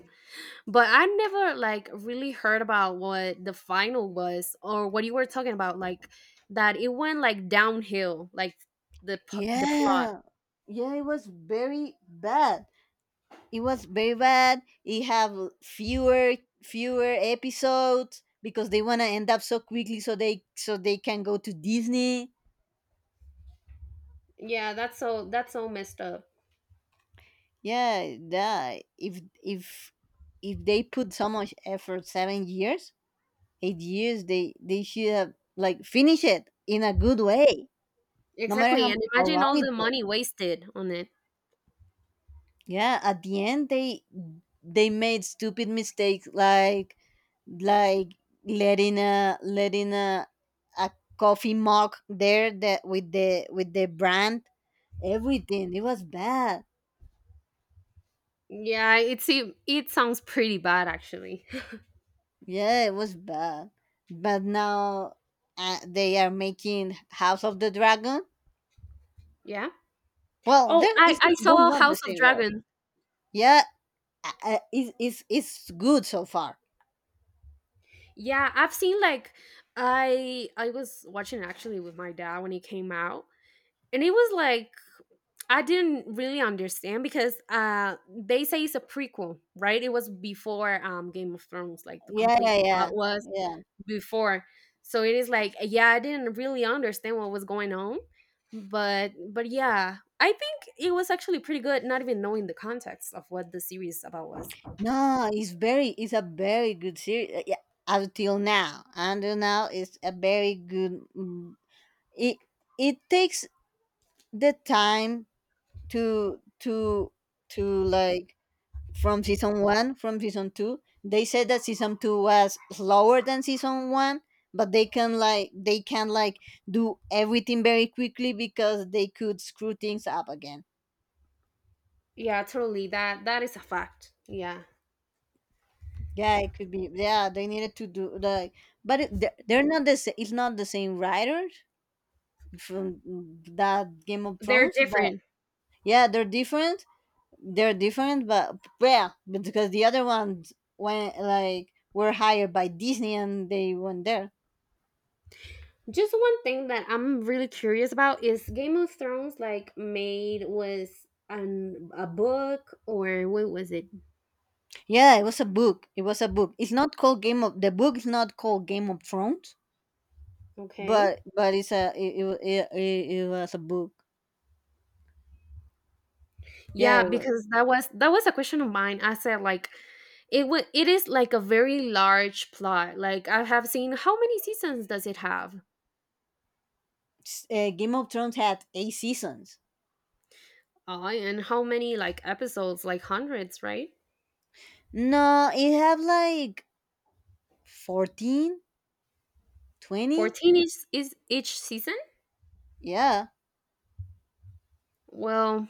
A: But I never like really heard about what the final was or what you were talking about, like that it went like downhill, like the plot.
B: Yeah. Yeah, it was very bad. It was very bad. It have fewer episodes because they wanna end up so quickly so they can go to Disney.
A: Yeah, that's so messed up.
B: Yeah, that if they put so much effort 7 years 8 years they should have like finish it in a good way, no matter
A: Exactly,
B: how,
A: and
B: how
A: imagine
B: long
A: all
B: it
A: the
B: takes.
A: money wasted on it.
B: Yeah, at the end they made stupid mistakes like letting a coffee mug there, that with the brand, everything. It was bad.
A: Yeah, it's seem it sounds pretty bad actually. (laughs)
B: Yeah, it was bad. But now, they are making House of the Dragon.
A: Yeah.
B: Well,
A: Oh,
B: there
A: I
B: is they're
A: saw
B: not the
A: House of
B: same, right?
A: Dragon.
B: Yeah. Is good so far.
A: Yeah, I've seen like I was watching it actually with my dad when it came out. And it was like I didn't really understand because they say it's a prequel, right? It was before Game of Thrones, like the
B: Yeah,
A: complete
B: yeah,
A: plot
B: yeah,
A: was
B: yeah.
A: before. So it is like yeah, I didn't really understand what was going on. But yeah, I think it was actually pretty good not even knowing the context of what the series about was.
B: No, it's a very good series. Yeah, until now, it's a very good. It it takes the time to to to like, from season one, from season two. They said that season two was slower than season one, but they can like do everything very quickly because they could screw things up again.
A: Yeah, totally. That that is a fact. Yeah.
B: Yeah, it could be. Yeah, they needed to do like, but it, they're not it's not the same writers from that Game of
A: They're
B: Thrones, but
A: different.
B: yeah, they're different. They're different, but yeah, but because the other ones went like were hired by Disney and they went there.
A: Just one thing that I'm really curious about is Game of Thrones like made was an a book or what was it?
B: Yeah, it was a book. It was a book. It's not called Game of the book is not called Game of Thrones,
A: Okay.
B: but it was a book. Yeah,
A: Yeah, because that was a question of mine. I said like it would it is like a very large plot. Like I have seen how many seasons does it have?
B: Game of Thrones had eight seasons.
A: And how many like episodes? Like hundreds, right?
B: No, it have like 14, 20.
A: 14 each is each season?
B: Yeah.
A: Well,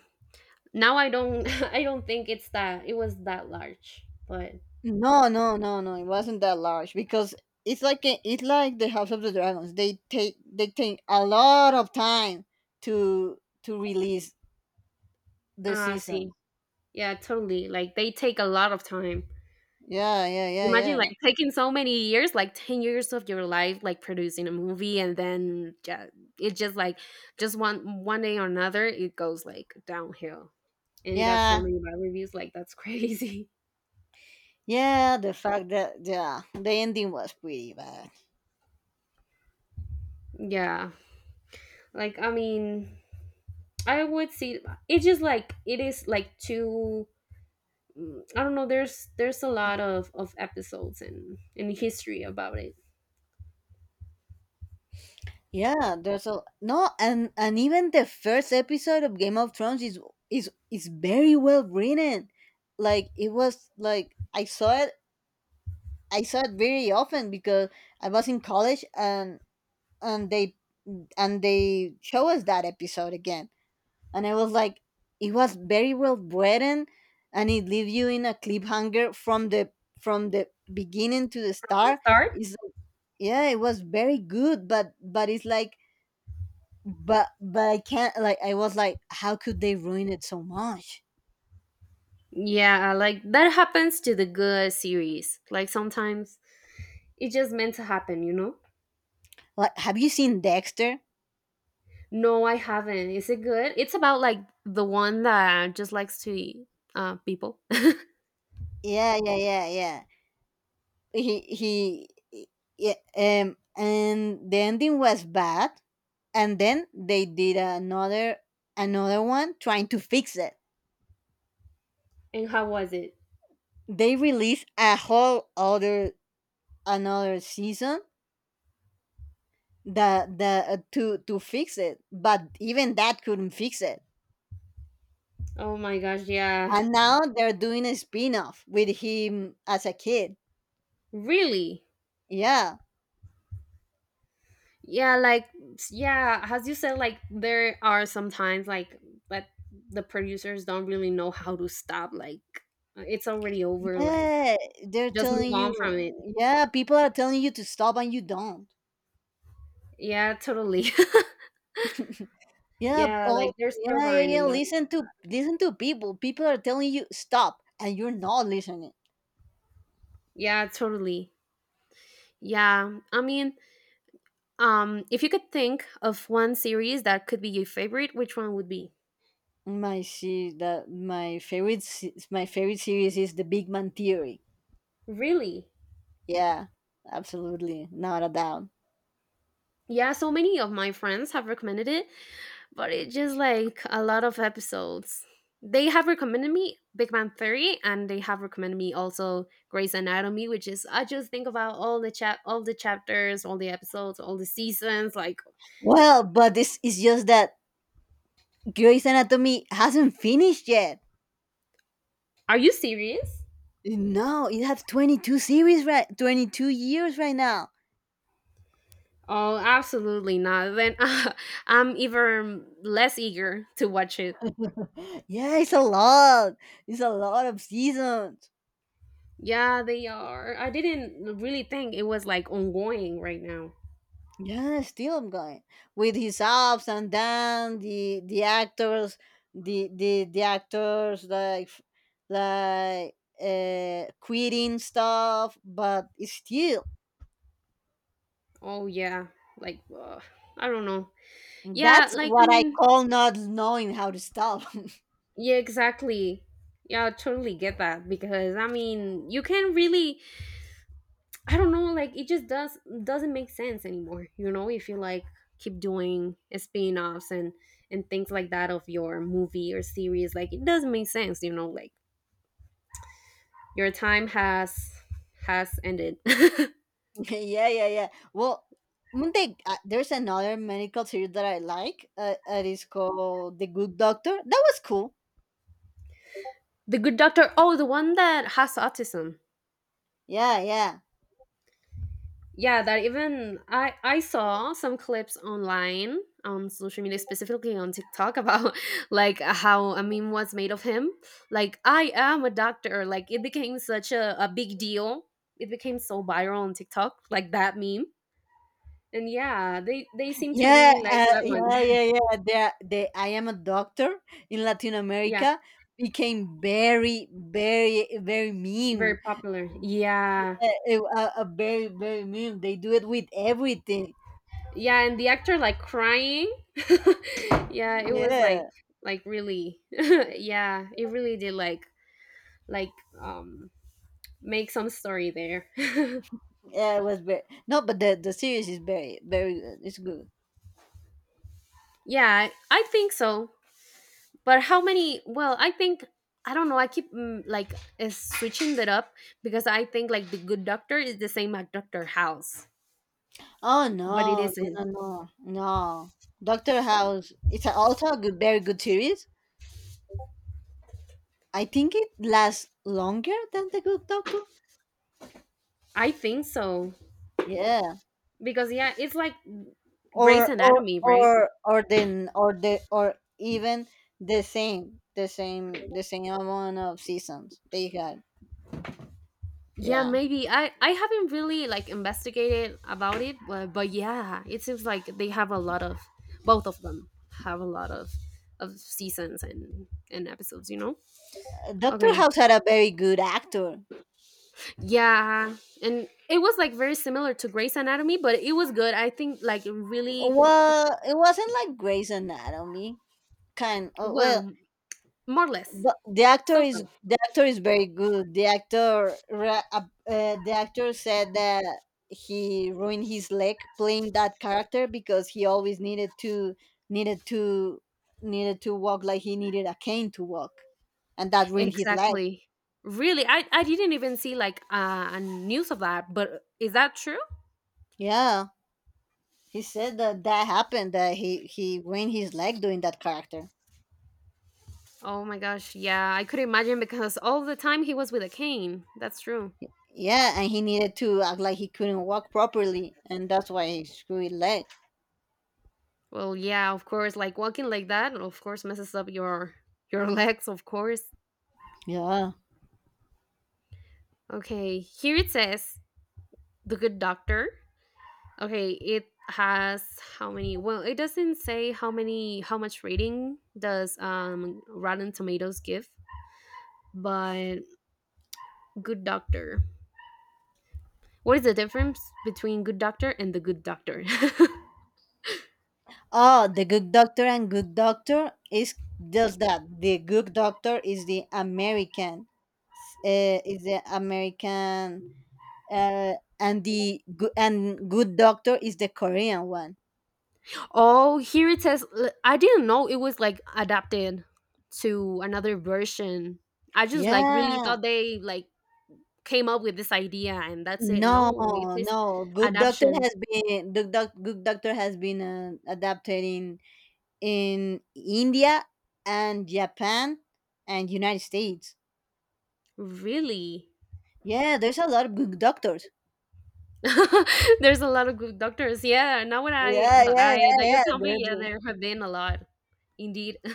A: now I don't (laughs) I don't think it's that it was that large, but
B: No, no, no, no. It wasn't that large because it's like the House of the Dragons. They take a lot of time to to release the
A: ah,
B: season.
A: see. Yeah, totally. Like they take a lot of time.
B: Yeah, yeah, yeah,
A: Imagine like
B: yeah.
A: taking so many years, like 10 years of your life like producing a movie and then just, it just like just one one day or another it goes like downhill. And it got so
B: Yeah,
A: many bad reviews like that's (laughs) crazy.
B: yeah, the fact that yeah, the ending was pretty bad.
A: Yeah. Like I mean, I would see it's just like it is like too I don't know, there's a lot of episodes and in history about it.
B: Yeah, there's a no, and even the first episode of Game of Thrones is very well written. Like I saw it very often because I was in college, and they show us that episode again, and I was like, it was very well written, and it leave you in a cliffhanger from the beginning to the
A: The
B: start.
A: start.
B: Is Yeah, it was very good, but it's like but I can't like I was like, how could they ruin it so much?
A: Yeah, like that happens to the good series. Like sometimes it's just meant to happen, you know?
B: Like, have you seen Dexter?
A: No, I haven't. Is it good? It's about like the one that just likes to eat people.
B: Yeah, yeah, yeah, yeah. He he he- yeah, and the ending was bad, and then they did another one trying to fix it.
A: (laughs) And how was it?
B: They released a whole other another season that the to fix it, but even that couldn't fix it.
A: Oh my gosh, yeah.
B: And now they're doing a spin-off with him as a kid.
A: Really?
B: Yeah.
A: Yeah, like, yeah, as you said, like there are sometimes like that the producers don't really know how to stop. Like it's already over. Like
B: Yeah. They're
A: just move
B: telling
A: on from
B: you.
A: it.
B: Yeah, people are telling you to stop and you don't.
A: Yeah, totally. (laughs)
B: Yeah,
A: yeah,
B: oh
A: like they're
B: yeah, yeah,
A: stubborn
B: yeah.
A: in that.
B: Listen to people. People are telling you stop and you're not listening.
A: Yeah, totally. Yeah. I mean, if you could think of one series that could be your favorite, which one would be?
B: My see that my favorite se- My favorite series is The Big Man Theory.
A: Really?
B: Yeah, absolutely, not a doubt.
A: Yeah, so many of my friends have recommended it, but it's just like a lot of episodes. They have recommended me Big Bang Theory, and they have recommended me also Grey's Anatomy, which is I just think about all the chapters, all the episodes, all the seasons. Like,
B: Well, but this is just that Grey's Anatomy hasn't finished yet.
A: are you serious?
B: No, it has 22 series, right, 22 years right now.
A: Oh, absolutely not. Then (laughs) I'm even less eager to watch it.
B: (gasps) Yeah, it's a lot. It's a lot of seasons.
A: Yeah, they are. I didn't really think it was like ongoing right now.
B: Yeah, still I'm going, with his ups and downs. The actors, the actors like like quitting stuff, but it's still
A: Oh, yeah. Like, ugh, I don't know. Yeah,
B: that's
A: like, I
B: what I
A: mean,
B: call not knowing how to stop.
A: yeah, exactly. Yeah, I totally get that because I mean, you can really, I don't know, like it just does doesn't make sense anymore. You know, if you like keep doing spin-offs and things like that of your movie or series, like it doesn't make sense. You know, like your time has ended. (laughs)
B: (laughs) Yeah, yeah, yeah. Well, one thing, there's another medical series that I like. It is called The Good Doctor. That was cool.
A: The good doctor. Oh, the one that has autism.
B: Yeah, yeah.
A: Yeah, that even I saw some clips online on social media, specifically on TikTok, about (laughs) like how a meme was made of him. Like I am a doctor. Like it became such a big deal. It became so viral on TikTok, like that meme. And yeah, they seem to
B: Yeah,
A: really like that one.
B: yeah,
A: (laughs)
B: yeah, yeah. The I am a doctor in Latin
A: Yeah,
B: America became very, very, very mean.
A: very popular. Yeah.
B: Uh, Very, very mean. They do it with everything.
A: Yeah, and the actor like crying (laughs) yeah it was
B: Yeah,
A: like really (laughs) yeah it really did like um make some story there. (laughs)
B: yeah. It was very No, but the series is very, very good. It's good.
A: Yeah, I think so. But how many well I think I don't know, I keep like switching that up because I think like the good doctor is the same as doctor house,
B: Oh,
A: but it
B: no,
A: isn't.
B: no, no, no, no. Doctor House. It's also a good, very good series. I think it lasts longer than the Good Doctor.
A: I think so
B: Yeah.
A: because yeah it's like Grey's Anatomy, right?
B: Or then or the or even the same amount of seasons they had.
A: Yeah,
B: Yeah,
A: maybe I haven't really like investigated about it, but yeah it seems like they have a lot of both of them have a lot of seasons and episodes, you know.
B: Doctor
A: Okay.
B: House had a very good actor.
A: Yeah, and it was like very similar to Grey's Anatomy but it was good, I think, like really.
B: Well, it wasn't like Grey's Anatomy, well,
A: Well, more or less. So so
B: the actor is very good. The actor said that he ruined his leg playing that character because he always needed to needed to walk like he needed a cane to walk, and that ruined his leg.
A: exactly really I didn't even see like a news of that, but is that true?
B: Yeah, he said that that happened, that he ruined his leg doing that character.
A: Oh my gosh, yeah, I could imagine because all the time he was with a cane. That's true.
B: Yeah, and he needed to act like he couldn't walk properly, and that's why he screwed his leg.
A: Well, yeah, of course, like walking like that, of course, messes up your (laughs) legs, of course.
B: Yeah.
A: Okay, here it says the good doctor. Okay, it has how many? Well, it doesn't say how many, how much rating does Rotten Tomatoes give, but good doctor. What is the difference between good doctor and the good doctor? (laughs)
B: Oh, the Good Doctor and Good Doctor is just that. The Good Doctor is the American, uh, is the American, uh, and the good and Good Doctor is the Korean one.
A: Oh, here it says I didn't know it was like adapted to another version. I just like really
B: Yeah,
A: thought they like came up with this idea and that's it.
B: no,
A: No, it is
B: no.
A: adaptation.
B: Good Doctor has been, adapted in India and Japan and United States.
A: Really?
B: Yeah, there's a lot of good doctors.
A: (laughs) There's a lot of good doctors. Yeah, now when
B: Yeah, yeah,
A: I
B: yeah,
A: that you
B: yeah.
A: tell me,
B: There's
A: yeah, there have been a lot. Indeed. (laughs)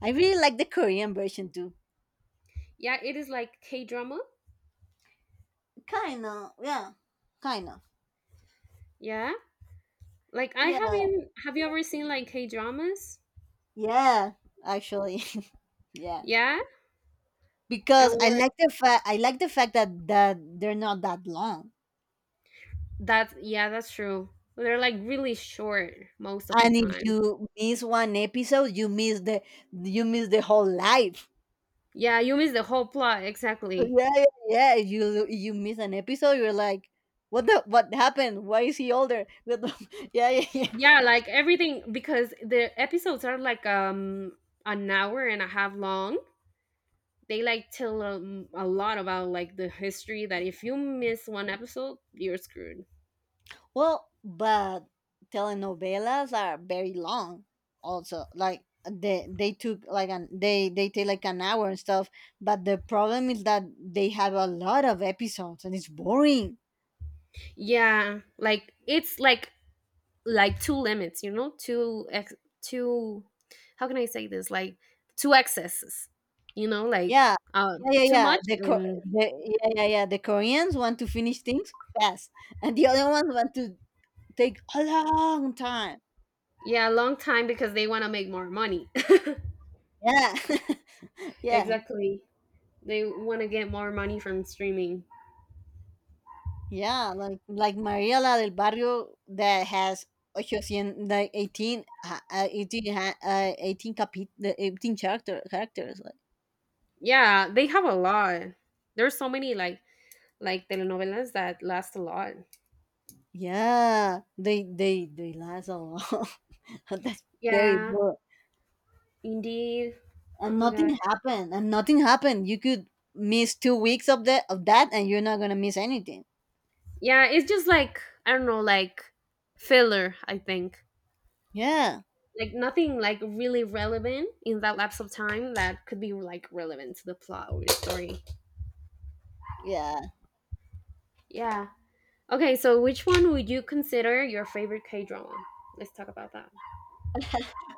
B: I really like the Korean version too.
A: Yeah, it is like K drama.
B: Kind of, yeah. Kind of.
A: Yeah. Like I
B: Yeah.
A: haven't, have you ever seen like K dramas?
B: Yeah, actually. (laughs) Yeah.
A: Yeah?
B: Because
A: And what?
B: I like the fact that that they're not that long.
A: That's Yeah, that's true. They're like really short most of the
B: And if
A: time.
B: you miss one episode, you miss the whole life.
A: Yeah, you miss the whole plot,
B: (laughs)
A: exactly.
B: Yeah, yeah, yeah. If you miss an episode, you're like, what happened? Why is he older? (laughs) Yeah, yeah, yeah.
A: Yeah, like everything because the episodes are like an hour and a half long. They like tell a lot about like the history that if you miss one episode, you're screwed.
B: Well, but telenovelas are very long. Also, like they took like an they take like an hour and stuff. But the problem is that they have a lot of episodes and it's boring.
A: Yeah, like it's like two limits, you know, two, how can I say this? Like two excesses, you know, like
B: Yeah, yeah, yeah,
A: too
B: yeah.
A: much,
B: The, Ko-
A: and
B: the Yeah, yeah, yeah. The Koreans want to finish things fast, and the other ones want to take a long time.
A: yeah, long time because they want to make more money.
B: Yeah, (laughs)
A: (laughs)
B: yeah.
A: Exactly. They want to get more money from streaming.
B: Yeah, like Mariela del Barrio, that has 800, like 18 18 18 the 18 characters, like.
A: Yeah, they have a lot. There's so many like telenovelas that last a lot.
B: Yeah, they last a lot. (laughs) That's very
A: Yeah,
B: good.
A: indeed.
B: And
A: Oh my
B: nothing
A: gosh.
B: happened. And nothing happened. You could miss 2 weeks of that and you're not going to miss anything.
A: Yeah, it's just like I don't know, like filler, I think.
B: Yeah.
A: Like nothing like really relevant in that lapse of time that could be like relevant to the plot or the story.
B: Yeah.
A: Yeah. Okay, so which one would you consider your favorite K drama? Let's talk about that.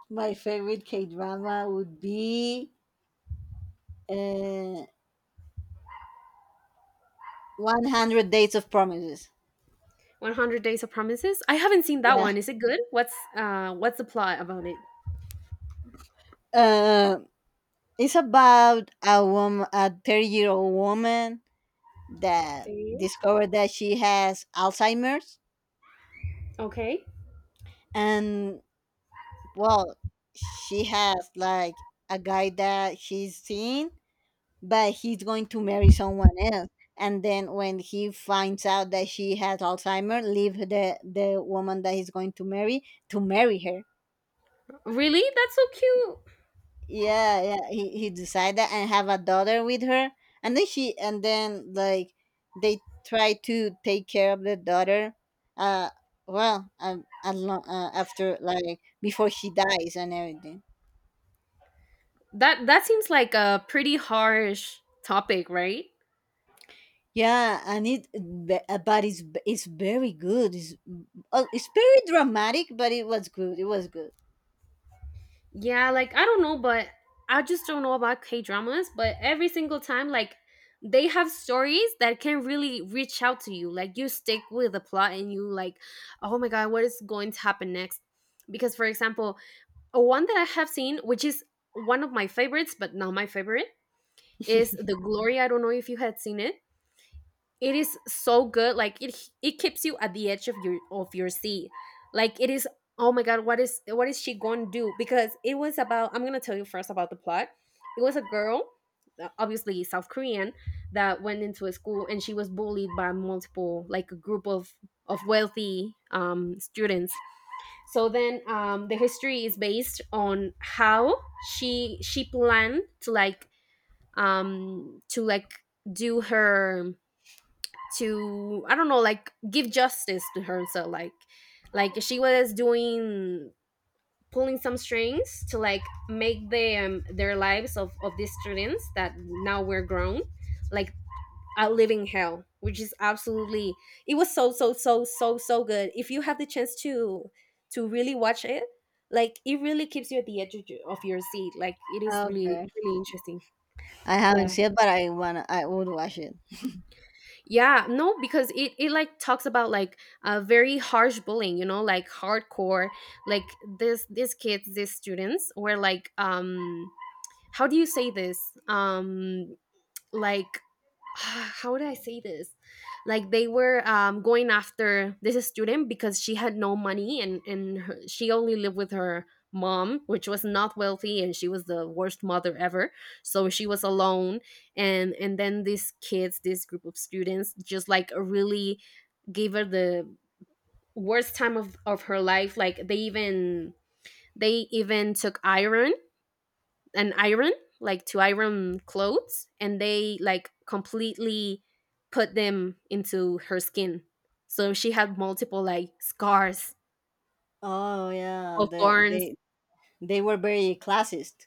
B: My favorite K-drama would be uh 100 Days of Promises.
A: 100 Days of Promises. I haven't seen that
B: Yeah.
A: one. Is it good? What's the plot about it?
B: Uh, It's about a woman, a 30-year-old woman that
A: Okay.
B: discovered that she has Alzheimer's.
A: Okay.
B: And, well, she has like a guy that she's seeing, but he's going to marry someone else. And then when he finds out that she has Alzheimer, leave the woman that he's going to marry, to marry her.
A: Really? That's so cute.
B: Yeah, yeah, he decided and have a daughter with her. And then she and then like they try to take care of the daughter, uh as long, after, like, before she dies and everything.
A: That that seems like a pretty harsh topic, right?
B: Yeah, and it it's very good. It's very dramatic, but it was good, it was good.
A: Yeah, like I don't know, but I just don't know about K-dramas, but every single time like they have stories that can really reach out to you. Like you stick with the plot and you like, "Oh my god, what is going to happen next?" Because for example, a one that I have seen, which is one of my favorites, but not my favorite, is The Glory. I don't know if you had seen it. It is so good. Like it keeps you at the edge of your seat. Like it is oh my god, what is she going to do? Because it was about, I'm going to tell you first about the plot. It was a girl, obviously South Korean, that went into a school and she was bullied by multiple like a group of wealthy students. So then the history is based on how she planned to like do her to, I don't know, like give justice to herself, like she was doing, pulling some strings to like make them, their lives of these students that now we're grown, like a living hell, which is absolutely, it was so so so so so good. If you have the chance to really watch it, like it really keeps you at the edge of your seat. Like it is really
B: Okay,
A: really interesting.
B: I haven't
A: Yeah.
B: seen it, but I would watch it.
A: Yeah, no, because it like talks about like very harsh bullying, you know, like hardcore, like this these kids, these students were like how do you say this? Um like (sighs) how would I say this? Like they were going after this student because she had no money and she only lived with her mom, which was not wealthy, and she was the worst mother ever. So she was alone, and then these kids, this group of students, just like really gave her the worst time of her life. Like they even took iron, an iron, like to iron clothes, and they like completely put them into her skin. So she had multiple like scars
B: Oh yeah,
A: of burns.
B: they were very classist.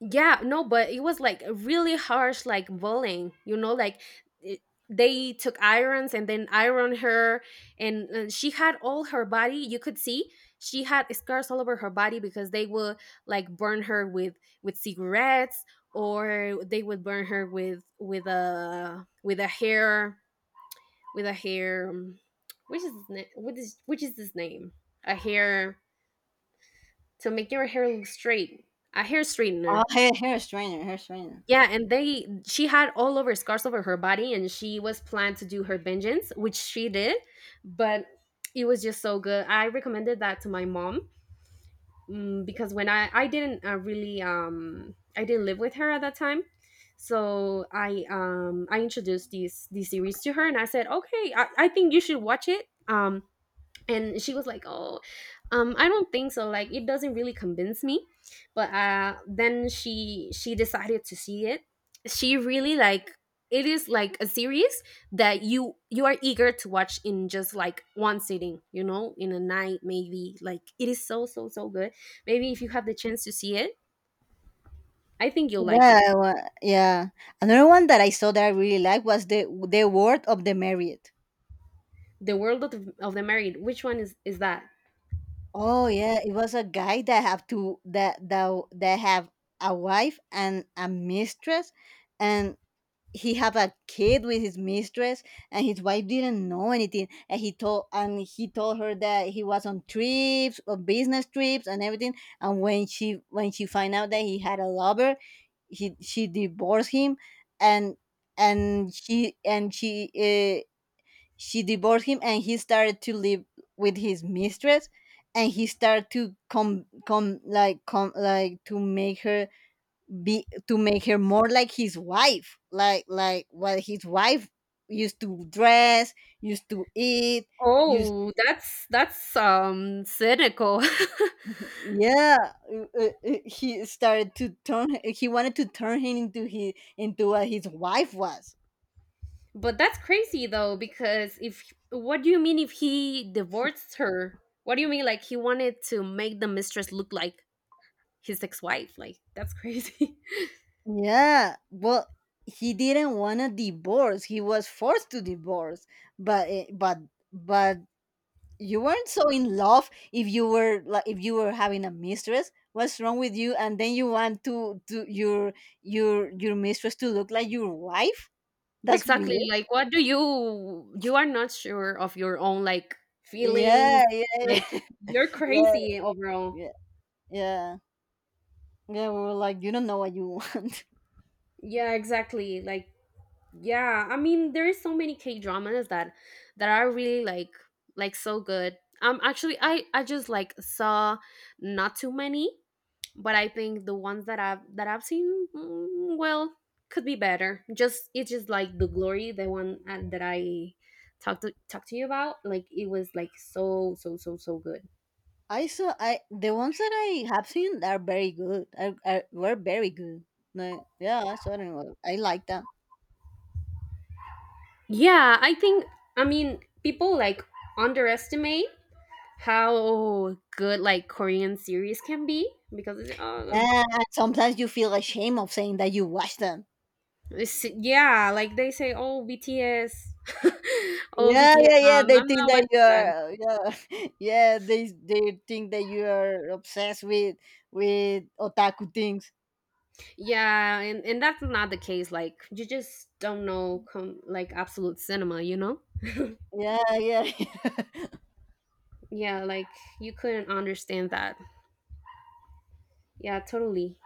A: Yeah, no, but it was like really harsh like bullying, you know, like it, they took irons and then ironed her, and she had all her body, you could see she had scars all over her body because they would like burn her with cigarettes, or they would burn her with a hair, with a hair which is his na- what is which is this name, a hair to make your hair look straight, a hair
B: Oh,
A: straightener.
B: (laughs) hair strainer, hair strainer.
A: Yeah, and they, she had all over scars over her body, and she was planned to do her vengeance, which she did, but it was just so good. I recommended that to my mom, mm, because when I didn't really I didn't live with her at that time, so I introduced these series to her, and I said, okay, I think you should watch it. And she was like, oh, I don't think so, like it doesn't really convince me, but then she decided to see it. She really like, it is like a series that you are eager to watch in just like one sitting, you know, in a night maybe, like it is so so so good. Maybe if you have the chance to see it, I think you'll like it.
B: Yeah, yeah. Another one that I saw that I really liked was the word of the married.
A: The world of the married, which one is that?
B: Oh yeah, it was a guy that have to that that that have a wife and a mistress, and he have a kid with his mistress, and his wife didn't know anything, and he told her that he was on trips on business trips and everything. And when she find out that he had a lover, he she divorced him. And and she She divorced him, and he started to live with his mistress. And he started to come, to make her more like his wife, like what his wife used to dress, used to eat, used
A: Oh, that's cynical. (laughs)
B: yeah. He wanted to turn him into what his wife was.
A: But that's crazy though, because if what do you mean if he divorced her? What do you mean like he wanted to make the mistress look like his ex-wife? Like that's crazy.
B: Yeah, well, he didn't want a divorce, he was forced to divorce. But but you weren't so in love. If you were like, if you were having a mistress, what's wrong with you? And then you want to your mistress to look like your wife?
A: (laughs)
B: That's
A: Exactly.
B: weird.
A: Like what do you, you are not sure of your own like
B: Yeah,
A: feelings? Like
B: yeah.
A: you're
B: (laughs) Yeah,
A: crazy overall.
B: yeah, yeah, yeah. We were like, you don't know what you want.
A: Yeah, exactly. Like yeah, I mean there is so many K dramas that that are really like so good. Actually I just like saw not too many, but I think the ones that I've seen, mm, well, could be better. Just it's just like The Glory, the one that I talked to you about. Like it was like so so so so good.
B: (laughs) I saw I The ones that I have seen are very good, are were very good. Like, yeah, so I don't know, I like them.
A: Yeah, I think I mean people like underestimate how good like Korean series can be because it's, oh,
B: Yeah, and sometimes you feel ashamed of saying that you watch them.
A: it's, si-" yeah, like they say, oh, BTS, (laughs) oh,
B: Yeah,
A: BTS,
B: yeah, yeah. They
A: I'm
B: think
A: not
B: that you
A: watching that.
B: are, yeah. (laughs) Yeah. They think that you are obsessed with otaku things.
A: Yeah, and that's not the case. Like you just don't know, com- like absolute cinema, you know?
B: Yeah, yeah, (laughs)
A: Yeah, like you couldn't understand that. Yeah, totally.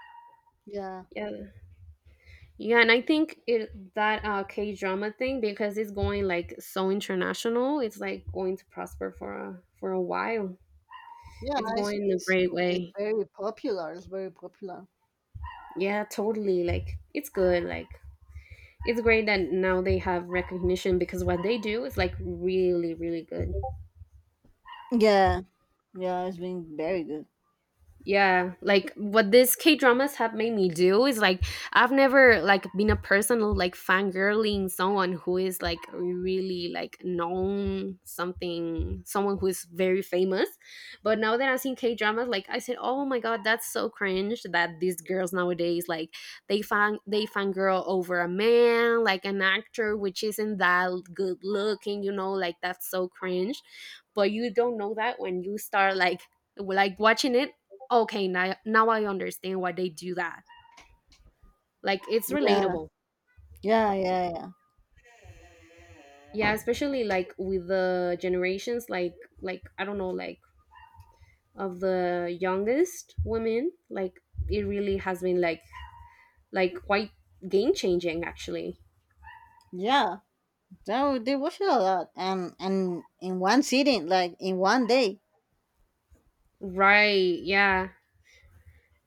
B: yeah,
A: Yeah, yeah, and I think it that K drama thing, because it's going like so international. It's like going to prosper for a while.
B: yeah.
A: It's
B: It's,
A: going in a
B: it's
A: great
B: it's
A: way.
B: very popular. It's very popular.
A: Yeah, totally. Like it's good. Like it's great that now they have recognition, because what they do is like really, really good.
B: Yeah, yeah. It's been very good.
A: Yeah, like what these K dramas have made me do is like I've never like been a person who, like fangirling someone who is like really like known something, someone who is very famous. But now that I've seen K dramas, like I said, oh my god, that's so cringe that these girls nowadays like they fangirl over a man like an actor which isn't that good looking, you know, like that's so cringe. But you don't know that when you start like watching it. Okay, now I understand why they do that, like it's
B: Yeah,
A: relatable.
B: yeah, yeah, yeah.
A: Yeah, especially like with the generations, like I don't know, like of the youngest women, like it really has been like quite game changing actually.
B: Yeah, so they watch it a lot, and in one sitting, like in one day.
A: Right, yeah,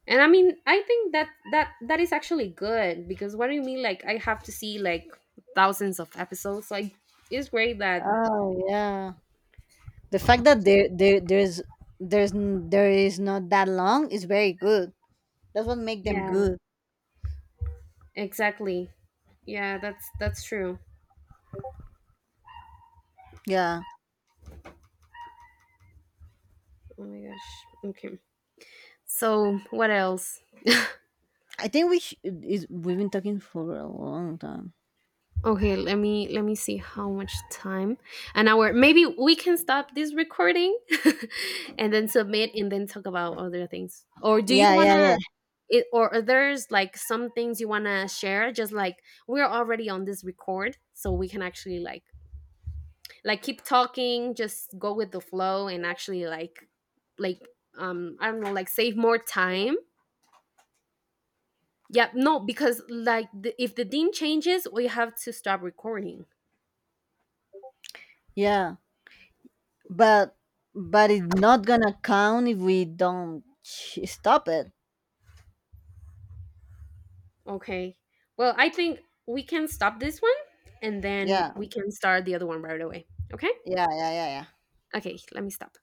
A: and I mean I think that that is actually good, because what do you mean like I have to see like thousands of episodes, like it's great that
B: Oh yeah. The fact that there there's n- there is not that long is very good. That's what make them
A: yeah,
B: good.
A: exactly, yeah, that's true.
B: Yeah,
A: Oh my gosh, okay. So what else?
B: I think we sh- is we've been talking for a long time.
A: Okay, let me see how much time. An hour. Maybe we can stop this recording (laughs) and then submit and then talk about other things. Or do you
B: Yeah, yeah,
A: wanna
B: yeah,
A: it, or are there's like some things you wanna share? Just like we're already on this record, so we can actually like keep talking, just go with the flow and actually like I don't know, like save more time. Yeah, no, because like if the theme changes, we have to stop recording.
B: yeah. But but it's not gonna count if we don't stop it.
A: Okay. Well, I think we can stop this one and then
B: Yeah,
A: we can start the other one right away. Okay?
B: yeah, yeah, yeah, yeah.
A: Okay, let me stop.